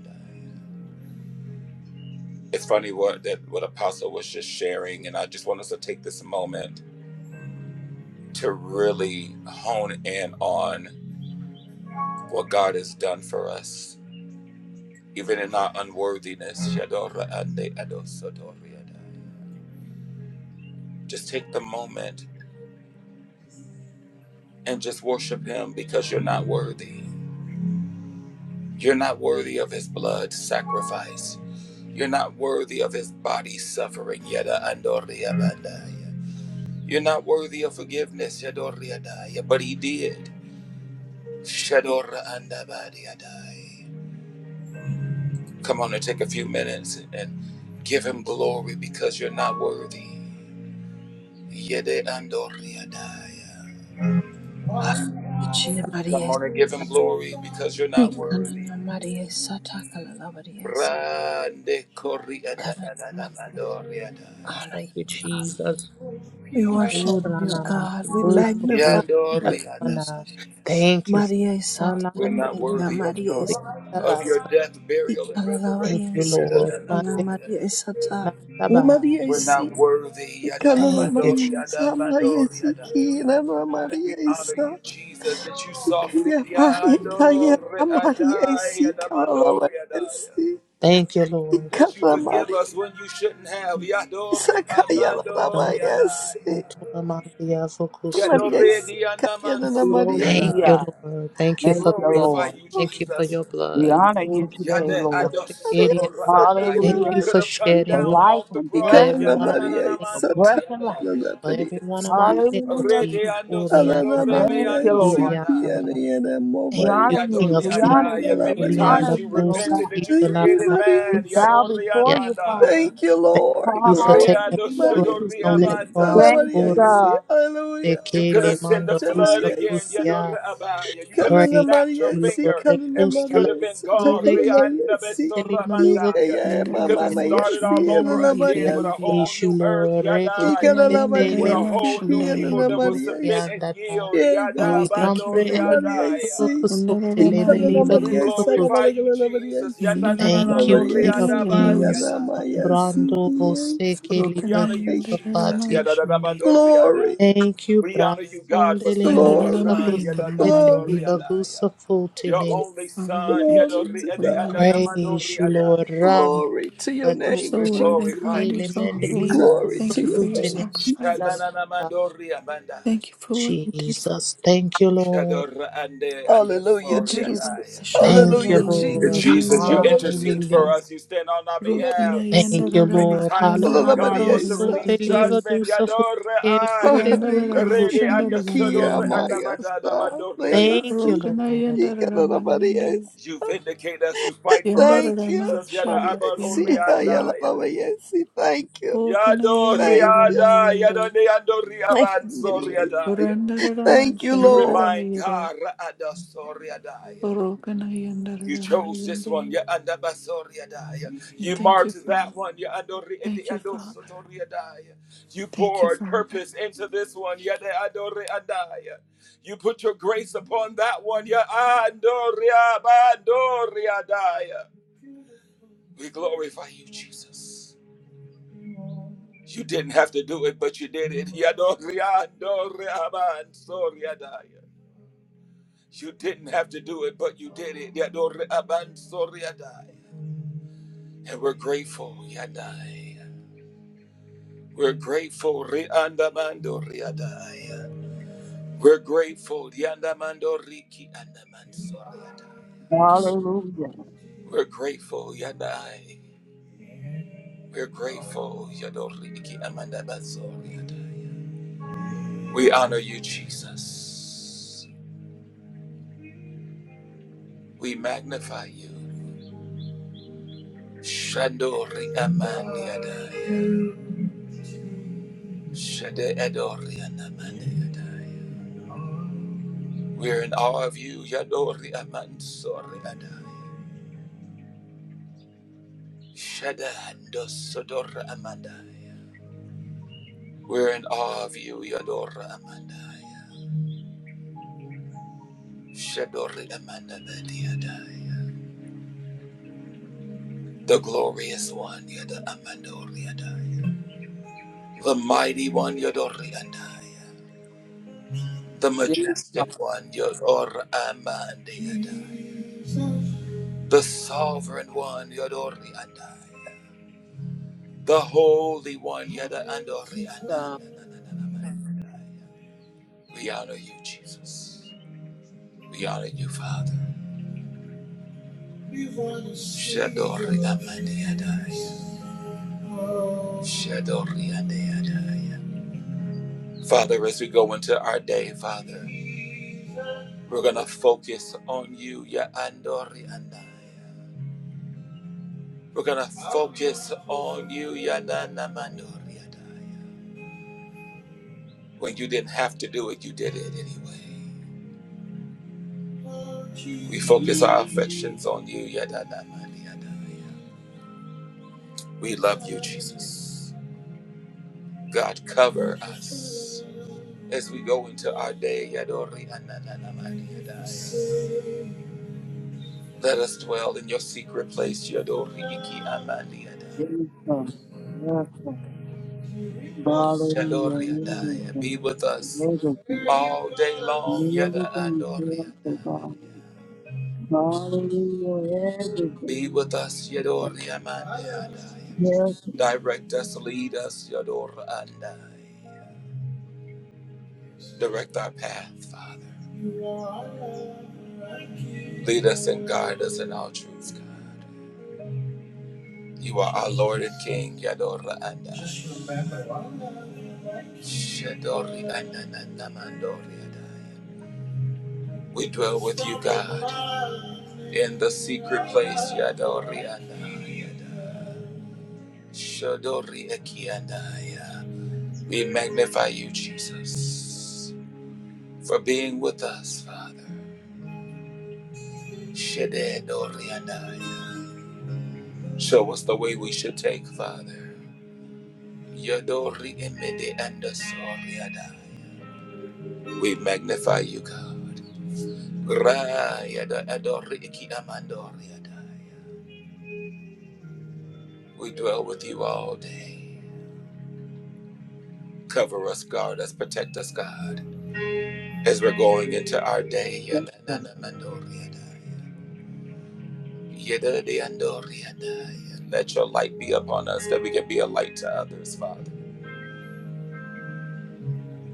It's funny what that what Apostle was just sharing, and I just want us to take this moment to really hone in on what God has done for us even in our unworthiness. Just take the moment and just worship Him because you're not worthy. You're not worthy of His blood sacrifice. You're not worthy of His body suffering. You're not worthy of forgiveness. But He did. Come on and take a few minutes and give Him glory because you're not worthy.
Ichia
Come
Maria
on and give him glory because you're not worthy.
Ikanana Maria Satakala Maria
Brande corianda
Kanana
na na na
Maria
mandorianda.
Honor you,
Thank you,
Father.
Jesus.
We worship you, God. We magnify you, Lord
Yandorianda.
Ooranamamandusukuriandalabana.
Jesus.
Thank you,
Maria
Father.
Sata
We're not worthy of
Maria
your
Sata
of
Alambrusukuriyandabasa.
your death, burial, and
Thank
Ikalalawaria
you,
resurrection. Yada
Lord.
na
isata
na
Dena Maria
dorianda.
isata. Na
Mandekanandaba.
Maria
We're
isi.
not worthy. Yada
Ikalala
Thank you,
Maria
Jesus.
amandorianda
isa Maria
mandorianda.
isiki. Na na
And
Maria
we honor
isa.
you, Jesus, that you saw fit.
Ikaya pa ikaya na
Yandorianda
Maria isi.
yada
Ikalala Maria
mandorianda.
isi.
Thank you, Lord.
That you
Ikala
forgive
Maria
us when you shouldn't have.
isa
Yadori
kaya la la
amandori
Maria isi.
adaya.
Dambutunamandiyafukusu.
Maria
Yadori
isi kaya na na
We
dianamansori
don't
Maria
see
Thank you,
ya.
adaya.
Lord. Thank you
We
Thank
for the
you,
blood.
glorify
Lord.
you,
isa.
Thank you for
Jesus.
your
We
blood.
honor you today,
Yada
Lord.
Maria
Uriyandabasikiria.
adosodora
isa
adaya.
ikala
Thank
Hallelujah.
You
you
Maria.
could
for
have come
For
shedding
down
your blood
life
off the
and
for
cross.
breath,
Ikala na
everyone on
Maria
my
for
team.
breath
Yanananamandori
isata.
and life.
Na na
adaya.
For every
Maria
one of
isi.
my
Hallelujah,
iniquities,
Rede
Jesus.
Alana
Kuriandaba,
andosodore
Thank
Maria
you,
beandori
Lord.
Siki
adaya.
Sikiriandaba.
and Yana
We
Thank
Maria
you,
honor you.
King
Yadori
of
We
Kings,
Siki
honor
adaya.
you.
Lala
We
Many
Maria
times
honor
Kurianda
you
you, oh
Bruce,
Sata.
repented
God.
that you
Thank you,
created
Maria.
We
man.
bow
Yadori
before
Kitalamanakabusapatia.
you, Father.
anmandaya.
Thank you,
Thank
Lord.
you for
Glory.
taking my
Riado
Hallelujah,
place
Maria
Shado
on
Siki
Jesus.
that
Lala
cross,
Riabandai.
Thank you,
Maria si
God.
Hallelujah.
You could have
Thank you,
sent the
Kurabasikelemanda
Sha
flood
Maria
again,
Siki.
Busakutia.
Yado Rabaya. You could have
Kalana
Praise
snapped your
Maria
you,
si
Lord.
finger
Kalana
and we could
Maria
have been
Rekusalamando
Sata
gone.
Kalana
Rianda
si
Beso
Ika
Rabandaya.
ya
You could
mama
have
Rekesetelimanuvakusapatia.
Maria
started all
Siki
over
Lala
again
Maria
with a
Siki.
Praise
whole
you,
new earth,
Lord. Reke
Ika
Yadai.
Lala
sete
With
le
a
Maria
mando
whole
Siki
new people
Yana
that will
Maria
kusuti
si
submit and
andada.
yield,
Yeah,
Yada
God.
thank you,
Bando
Zampre
we honor
ele
you.
Maria
mando
Riadaya.
see.
kusuti
He
le
ikana na
meniva
We
Yandararamayinde,
Maria sara
kusuti.
glorify you,
malagala na Maria
Jesus.
si,
Yanda na na na
na
Thank you,
no
Maria
King
yandararamayinde,
of
si
Riada
kia
yando,
Kings.
na
Bandiadaya.
Maria si
Sambrando
Maria
vose
si.
que
We
liva
honor you,
Thank you.
Jesus.
gusafatia.
rokanayindararamayinde,
Glory,
Yadadadabadoriadaya.
Thank you,
We honor you, God,
Brasonde
for
le
sending your
manava
glory,
son.
gusafete
glory
yandararamayandararayinde.
liva
to God,
Yadadabadoriadaya.
gusafuti
Your
Maria
menia.
only
si.
Father, we
son.
thank
Glory
you,
to
we honor
God.
you. God.
Praise you, Lord.
Yadoriadadadabadoriadaya.
Rande
Glory to your
leva
You're
name,
so
We
doso
worthy,
fute
Jesus.
glorify
God,
you,
you're
ele
so
mende leva
holy.
Glory
Jesus.
guso
to
Thank you
your
for your
fute
name,
ne
Jesus.
namanda
sacrifice.
va.
Shadananamandoriabandaya.
Thank you for what you did for
Jesus, thank you, Lord.
Shadorande
Hallelujah,
Yandarara,
Jesus.
andosoriadaya.
Thank
Shandarara,
you,
Hallelujah,
Yiri,
Jesus.
Lord.
Yiri,
Jesus, you
Yiri.
Hallelujah,
intercede for
Hallelujah.
Jesus.
us. You stand on our
Maria
Rukana,
behalf.
si.
Thank you,
Yandarara,
Many
Ma,
Lord.
times when
Hallelujah,
Yandarara,
God
Hallelujah.
Maria
wants
Yiri,
to
si.
So
release
Yiri,
feliva
Yiri.
judgment,
doso
Yadore
fute ele
ai,
mende vuka
Randarara,
Maria,
Ma,
puse.
Rede and the
sí,
Shandarara, Ma,
Kia,
Yendo.
Maya, Sa,
Badore
Maya,
adai.
Thank you,
sí,
Rukana,
Lord.
y
Yandarara, Ma,
Canada, Maria,
Yende.
sí.
you vindicate us, you fight for us,
Thank
Yandarara, Ma,
you,
Jesus. Yada
Maria,
Shanda,
Abadore
sí,
Yenda,
Ayala,
Yendo.
andai.
la Maya, sí. Thank you,
Rukana,
Yadore
thank
Yandarara,
you,
Ma,
adai,
Yende.
Yadone andore
thank you,
abansore
Maria, sí.
adai.
Randarara, Ma,
Thank you,
You
Shandarara,
Lord.
remind
Yero.
God Raada Sore
Rukana,
You
Yandarara, Ma,
chose this one.
Yende.
Ya andabasoria daya. You
Thank you,
marked
Father.
that one. Ya andori eti
Thank you, Father.
andosotoria daya. You
Thank you,
poured
Father.
purpose into this one. Ya de adore adaya. You put your grace upon that one. Ya andoria bandoria daya. We glorify you, Jesus. You didn't have to do it, but you did it. Ya doria andoria bansoria You didn't have to do it, but you did it. Ya doria bansoria And we're grateful, Yadai. We're grateful, Riandamando Riadai. We're grateful, Yandamando Riki Andamanso Riadai.
Hallelujah.
We're grateful, Yadai. We're grateful, Yadoriki Amandabaso Riadai. We honor you, Jesus. We magnify you. Shandori Amandi Yadai. Shade Edori Andamandi Yadai. We're in awe of you, Yadori Amansori Adai. Shadando Sodora Amandaya. We're in awe of you, Yadora Amandaya. Shadori Amanda Bediadaya. The glorious one, Yada Amandoriadaya. The mighty one, Yadori Andaya. The
Yes, God.
majestic one, Yadora Amandiadaya. The sovereign one, Yadori Andaya. The holy one, Yada Andori Andaya. We honor you, Jesus. We honor you, Father. Shadori Amani Adai. Shadori Ade Adai. Father, as we go into our day, Father, we're going to focus on you, Ya Andori Andai. We're going to focus on you, Ya Nana Mandori Adai. When you didn't have to do it, you did it anyway. We focus our affections on you, Ya Nana Mandi Adai. We love you, Jesus. God, cover us as we go into our day. Yadori ananamandi yadai. Let us dwell in your secret place. Yadori iki amandi
Yes,
yadai.
God. Yes, God. Hallelujah.
Yadori yadai. Be
Everything.
with us
Everything.
all day long. Yada
Everything is
andori
yours, oh
yadai.
God. Hallelujah.
Be
Everything.
with us. Yadori amandi yadai.
Yes,
Direct us, lead us. Yadori andai. Direct our path, Father. Lead us and guide us in all truth, God. You are our Lord and King, Yadora Anda. Shadori Anda Nanda Mandori Adaya. We dwell with you, God, in the secret place, Yadori Anda. Shadori Eki Andaya. We magnify you, Jesus, for being with us, Father. Shadori Andaya. Show us the way we should take, Father. Yadori Emede Anda Sori Adaya. We magnify you, God. Rayada adori iki amandori adaya. We dwell with you all day. Cover us, guard us, protect us, God, as we're going into our day.
yes, God.
Yanana mandori adaya. Yedada andori adaya. Let your light be upon us that we can be a light to others, Father.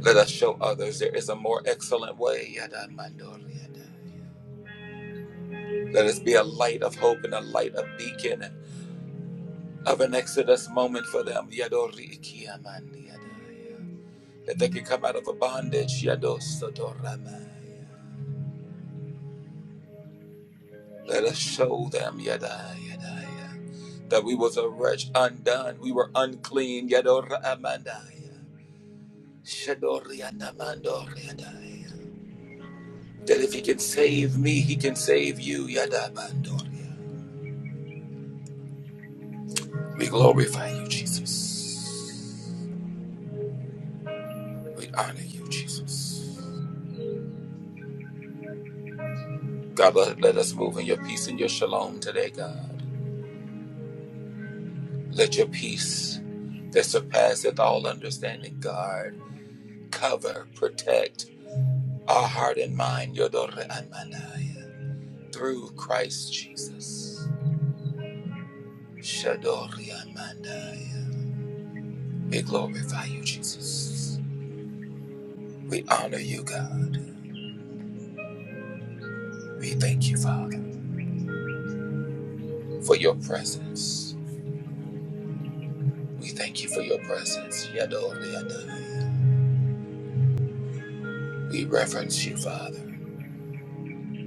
Let us show others there is a more excellent way. Yada mandori adaya. Let us be a light of hope and a light of beacon of an Exodus moment for them. Yadori ikiamandi yadaya. That they can come out of a bondage. Yadosodoramaya. Let us show them yadaya, yadaya, that we was a wretch undone. We were unclean. Yadoramandaya. Shadorianamandoriadaya. That if he can save me, he can save you. Yadamandoria. We glorify you, Jesus. We honor you, Jesus. God, let, let us move in your peace and your shalom today, God. Let your peace that surpasseth all understanding, God, cover, protect our heart and mind, Yodore Amanaya, through Christ Jesus. Shadori Amanaya. We glorify you, Jesus. We honor you, God. We thank you, Father, for your presence. We thank you for your presence, Yadori Anaya. We reverence you, Father.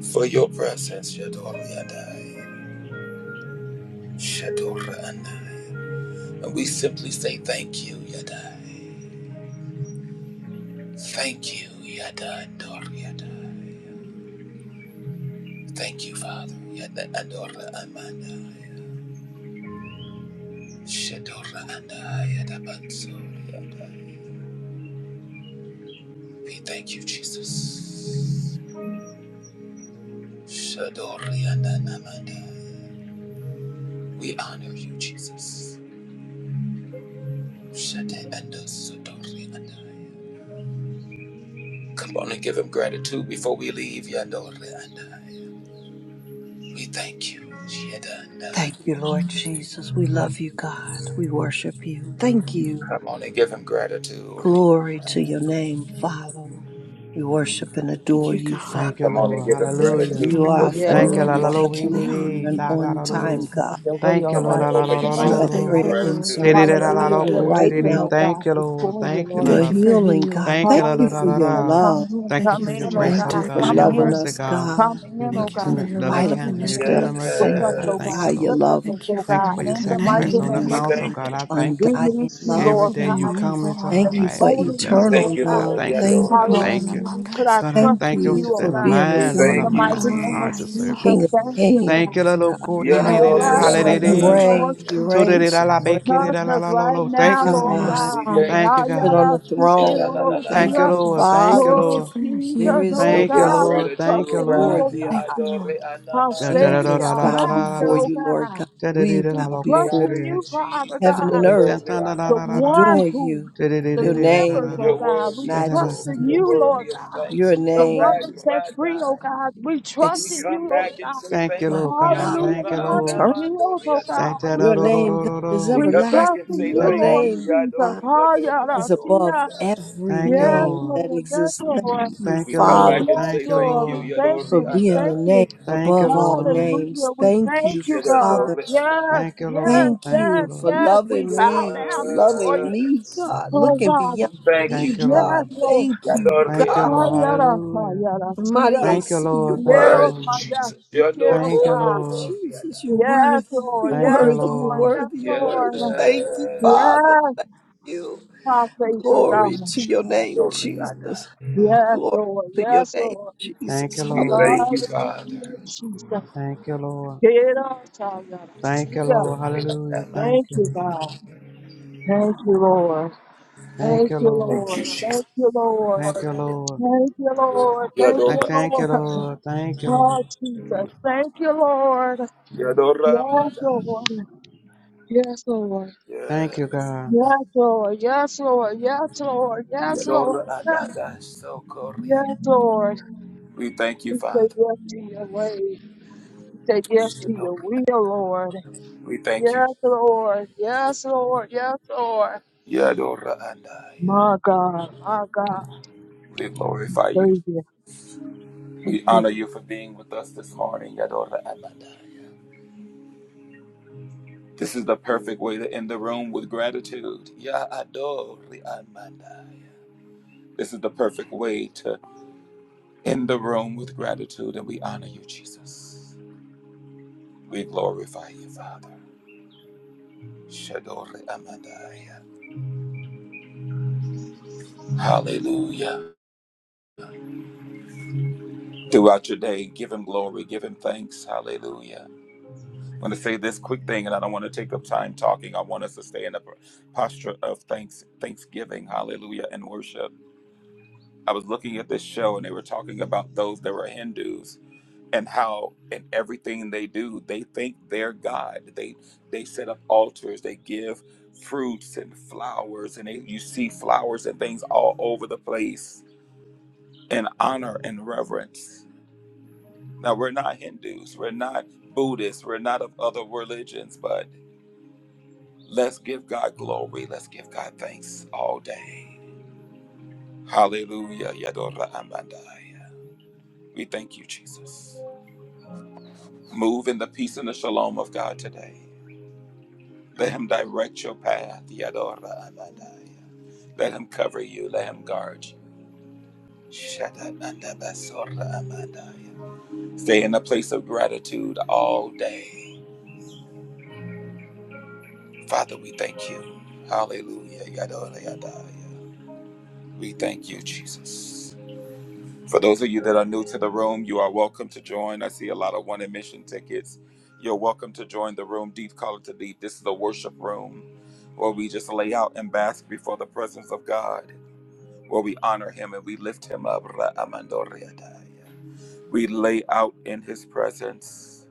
For your presence, Shador Yadai, Shador Anai. And we simply say thank you, Yadai. Thank you, Yada Ador Yadai. Thank you, Father, Yada Ador Amanai, Shador Anai, Yada Bansor Yadai. We thank you, Jesus. Shador Yada Namandai. We honor you, Jesus. Shade Ando Sodor Yadai. Come on and give him gratitude before we leave, Yador Anai. We thank you. Yadana.
Thank you, Lord Jesus. We love you, God. We worship you. Thank you.
Come on and give him gratitude.
Glory to your name, Father. We worship and
Thank
adore
you,
you,
God.
Father.
Thank you,
Come on and
Lord.
give him
Thank you,
Hallelujah.
gratitude
You
before
are a
Father.
we
Yes,
Thank you,
Lord,
la
we
la
phenomenal
Lord.
lo
close.
thank you.
we
Thank
We
did
God.
you,
honor
You're
it.
an
Jesus.
Da
you,
da
on
da do
Father.
time
do.
God.
Have your way,
Thank you,
oh
Come
Lord.
on
God,
La
and
la
in
open
la
our
your
We're
la la
You're
mics
so
lives,
la
to
a
oh
give him
la.
God.
thankful,
prayer
Lord, for
Did
gratitude.
it
answering
all
la
that
Hallelujah.
Yande
God.
la
you've
la
You're
We're
cool
done.
to
andori
right
did
open,
and-
it.
now.
oh
Thank
God,
you, Lord.
before you,
Thank you,
And
Lord
la
You're
thank
la.
you for
Jesus.
who
healing
you
God.
are,
Thank you,
Thank
God.
la la
you
la
for
la
your
Hallelujah.
la.
Come
love.
in,
Thank you
Thank you
come
for
in,
for
your
your
oh
grace,
Thank
oh
God.
you for
andori
God.
Come
Your
protection.
and-
loving
in,
mercy,
us,
God.
come
God,
Your
in, oh
lo-
Thank you
God.
in
for
tender
your
loving
Come
spite of
love and
kindness.
your
Your
in
Mm-hmm.
tender
ourselves.
mercy,
grace.
with
Thank
us,
God. I
you
oh
for
thank
God.
how
you,
Yes.
you
Lord.
Sit with
love us.
us,
Thank you
oh
Thank
God.
you
for
for your
In the
Thank
connecting
mighty
sacrifice on
with
the
name
us,
We
of
you
cross, oh
God.
for
Jesus.
thank you,
God. I thank
We
you, Lord.
need
undying
you,
Thank
Jesus.
you
love.
Every
Lord
for
day
being
you
God.
come
mindful
into
of
our
Thank you
And
us.
lives
for
and you
only
We
you,
bless us,
thank
oh
Lord
eternal
you,
God.
God.
I
love.
Lord.
thank you,
Thank you
Thank
Lord.
for
I
Yandori
Hallelujah.
dwelling
and-
thank
We
you.
you.
among
put
us.
our
God, I
trust
Thank
in
thank you
you
you, oh
today.
for
My
God.
being a
We
mind, Lord,
In
my
the
thank
We
God,
you,
mighty
mind and
name of
heart
glorify
to
Jesus.
you,
serve
God.
you,
Jesus,
King
God.
of
thank you,
Kings.
God.
Thank you, Lord. Cool,
Thank
dee,
you
dee,
Ah,
for
dee,
Yandori
Have
and-
your
and-
reviving
you
the
way,
hallelujah.
and- and-
Lord
church,
reign.
and-
You
God.
and-
Jesus.
reign
Touch
supreme.
us right
Thank
Thank
now,
you
you,
for
Lord
your
Lord.
God,
We
God.
you
thank
spirit.
Thank
you,
you,
sit
God.
on the
Jesus.
throne. We thank
Thank
Thank
you,
you,
Ayarasikerorosia.
you,
Yandana.
Lord. Thank
Jesus.
you,
Father.
Thank
Oh
you
Lord.
for your
There
Jesus,
healing
is
oh
We
no
Thank you,
give
God
God,
grace.
we
Lord.
gratitude,
trust
Thank you,
in you,
before
Lord.
oh
Randy
God.
you.
Thank you,
Adore
Lord.
Our
Da,
Anaman.
da, da, da,
Savior,
Angels
da,
our
da,
bow
da,
Thank you,
da,
Master,
Lord.
before
da.
oh
you, Lord
God.
God.
Da, da, dee,
We
da,
We
la,
bow
We
cool,
trust
before
honor
in
you,
you,
Jesus.
Father
you. heaven
God.
and
Thank
Adore
earth.
the
Aman.
one
Adore
who
you. Your
delivers,
name is
oh
You're
God. We
worthy of
trust
glory.
in
You're
majesty.
you, Lord
worthy of
God.
thanks.
Your
We
The
come
one
back,
name
that
is
set free, oh
Radai.
God. We
We
trust in
ex-
come
you, Lord
back and
God.
say
you,
thank
my
Lord
you,
God.
God,
Hallelujah.
Yadore
Thank
The
you,
one that
Lord.
eternal.
Anaman.
heals, oh
Thank
God. We
Your
trust,
name, God,
you.
is
We
we
come back
trust
and
everlasting.
in
say
Your
you,
thank
Lord
you,
name,
Jesus.
God,
Yadore Adore
is
Adore
above
Hallelujah.
Adai.
every
Thank you. Thank you,
Yes,
name
Lord.
that
Lord. Yes,
exists.
Lord.
Thank you,
Thank
We
you,
come
Father
back
Lord.
and
Yes,
say thank
Lord. We
you,
thank
Yadore
for
you. We
being a
thank
Adai.
you.
name
Thank you,
above all
Lord.
Hallelujah.
names.
We
Thank
thank
you,
you, God.
Yadore
Father.
Adai.
Yes,
Thank you,
yes,
Lord.
Thank
yes,
you for
yes. We
loving
bow
me, for
down before
loving
you.
me,
Yes.
God,
Oh
looking
God,
We
beyond
thank
Thank
you,
me,
you,
Jesus.
Yes,
God.
Lord.
Lord.
Thank you,
Yadore
Thank you, Lord. Thank you, Lord. Thank you,
God.
Lord.
Adai.
Mayara,
Hallelujah.
mayara, tia,
Mighty
Thank you,
AC,
Lord.
you're
We
Thank you,
thank
quiero,
worthy.
you,
Lord.
maya,
Jesus.
si
Yadore
quiero,
Thank you,
sa.
Oh,
Lord.
Adai.
Jesus, you're
Yes,
worthy. You're
Lord.
Thank
Yes,
you,
worthy. You're
Lord.
Lord.
Yes,
worthy. You're
Yes.
worthy.
Lord.
Thank you, Father.
Yes,
Thank you.
my faithful
Glory
God.
to your name,
Yadore
Jesus.
Adai.
Yes,
Glory
Lord.
to your
Yes,
name,
Lord.
Thank you,
Jesus.
We
Lord.
Hallelujah.
thank you, Father.
Hallelujah, Jesus.
Thank you, Lord.
Quiero, mayara,
Thank you,
tia.
Lord.
Yadore
Hallelujah.
Adai.
Thank
Thank
you.
you, God. Thank you, Lord.
Thank
Thank
you,
you,
Lord.
Thank you,
Lord.
Jesus.
Thank you, Lord.
Thank you, Lord.
Thank you, Lord. Thank
Yadore
Thank,
you,
thank you,
Lord.
Adai.
Lord. Thank you,
Oh,
Lord.
Jesus. Thank you, Lord.
Yadore
Yes,
Adai.
Lord. Yes, Lord.
Thank
Yes.
you, God.
Yes, Lord. Yes, Lord. Yes, Lord. Yes, Lord.
Yadore Adai. So
Yes,
Korean.
yes, Lord.
We thank you,
We say
Father.
yes to your way. We say yes to your
Yadori
will,
Adai.
Lord.
We thank you.
Yes, Lord. Yes, Lord. Yes, Lord.
Yadora Andaya.
My God. My God.
We glorify you.
Praise you. Thank
We
you.
honor you for being with us this morning, Yadora Amandaya. This is the perfect way to end the room with gratitude. Yadori Amandaya. This is the perfect way to end the room with gratitude, and we honor you, Jesus. We glorify you, Father. Shadori Amandaya. Hallelujah. Throughout your day, give him glory, give him thanks. Hallelujah. I want to say this quick thing, and I don't want to take up time talking. I want us to stay in a posture of thanks, thanksgiving, hallelujah, and worship. I was looking at this show, and they were talking about those that were Hindus and how in everything they do, they thank their God. They they set up altars, they give fruits and flowers, and they, you see flowers and things all over the place in honor and reverence. Now we're not Hindus, we're not Buddhists, we're not of other religions, but Let's give God glory. Let's give God thanks all day. Hallelujah. Yadora Amandaya. We thank you, Jesus. Move in the peace and the shalom of God today. Let Him direct your path. Yadora Amandaya. Let Him cover you. Let Him guard you. Shadananda Basora Amandaya. Stay in a place of gratitude all day. Father, we thank you. Hallelujah. Yadora Yadaya. We thank you, Jesus. For those of you that are new to the room, you are welcome to join. I see a lot of one admission tickets. You're welcome to join the room, Deep Color to Deep. This is a worship room where we just lay out and bask before the presence of God, where we honor Him and we lift Him up. Ra'amandoriadai. We lay out in His presence.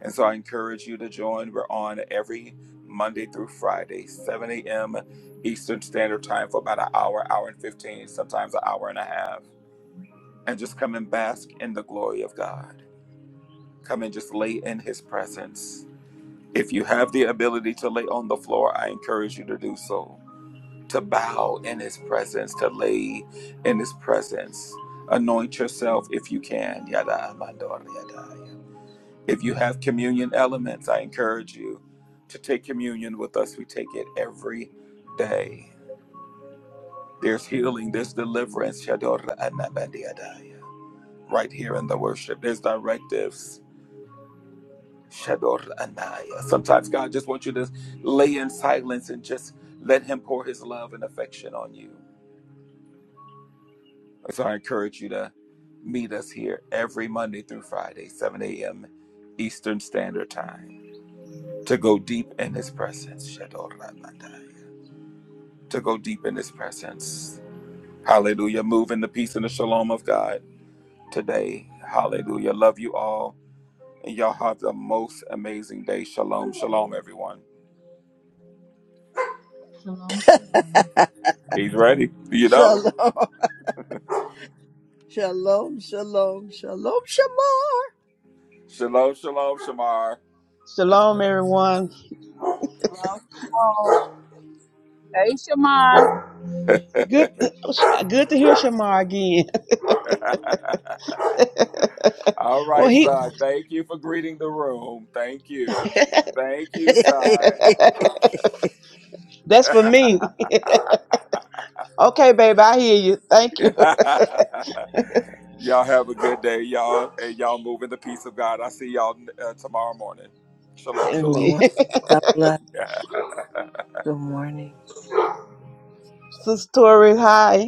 And so I encourage you to join. We're on every Monday through Friday, 7 a.m. Eastern Standard Time for about an hour, hour and 15, sometimes an hour and a half and just come and bask in the glory of God. Come and just lay in His presence. If you have the ability to lay on the floor, I encourage you to do so. To bow in His presence, to lay in His presence. Anoint yourself if you can. Yada mandor yada. If you have communion elements, I encourage you to take communion with us. We take it every day. There's healing, there's deliverance. Shador anabadiadaya. Right here in the worship, there's directives Shador Anaya. Sometimes God just wants you to lay in silence and just let Him pour His love and affection on you. So I encourage you to meet us here every Monday through Friday, 7 a.m. Eastern Standard Time, to go deep in His presence. Shador Anaya. To go deep in His presence. Hallelujah. Move in the peace and the shalom of God today. Hallelujah. Love you all. And y'all have the most amazing day. Shalom, shalom, everyone.
Shalom, shalom.
He's ready. You know.
Shalom. Shalom, shalom, shalom, shalom.
Shalom, shalom, Shamar.
Shalom, everyone.
Love to all. Hey,
Good, good to hear Shamar again.
All
Well,
right,
he
son. Thank you for greeting the room. Thank you. Thank you, son.
that's for me. Okay, baby, I hear you. Thank
y'all have a good day, y'all, and y'all move in the peace of God. I see y'all uh, tomorrow morning.
you.
Shalom,
And
Good
shalom.
me.
morning. God bless. Good morning.
Sister Tori, hi.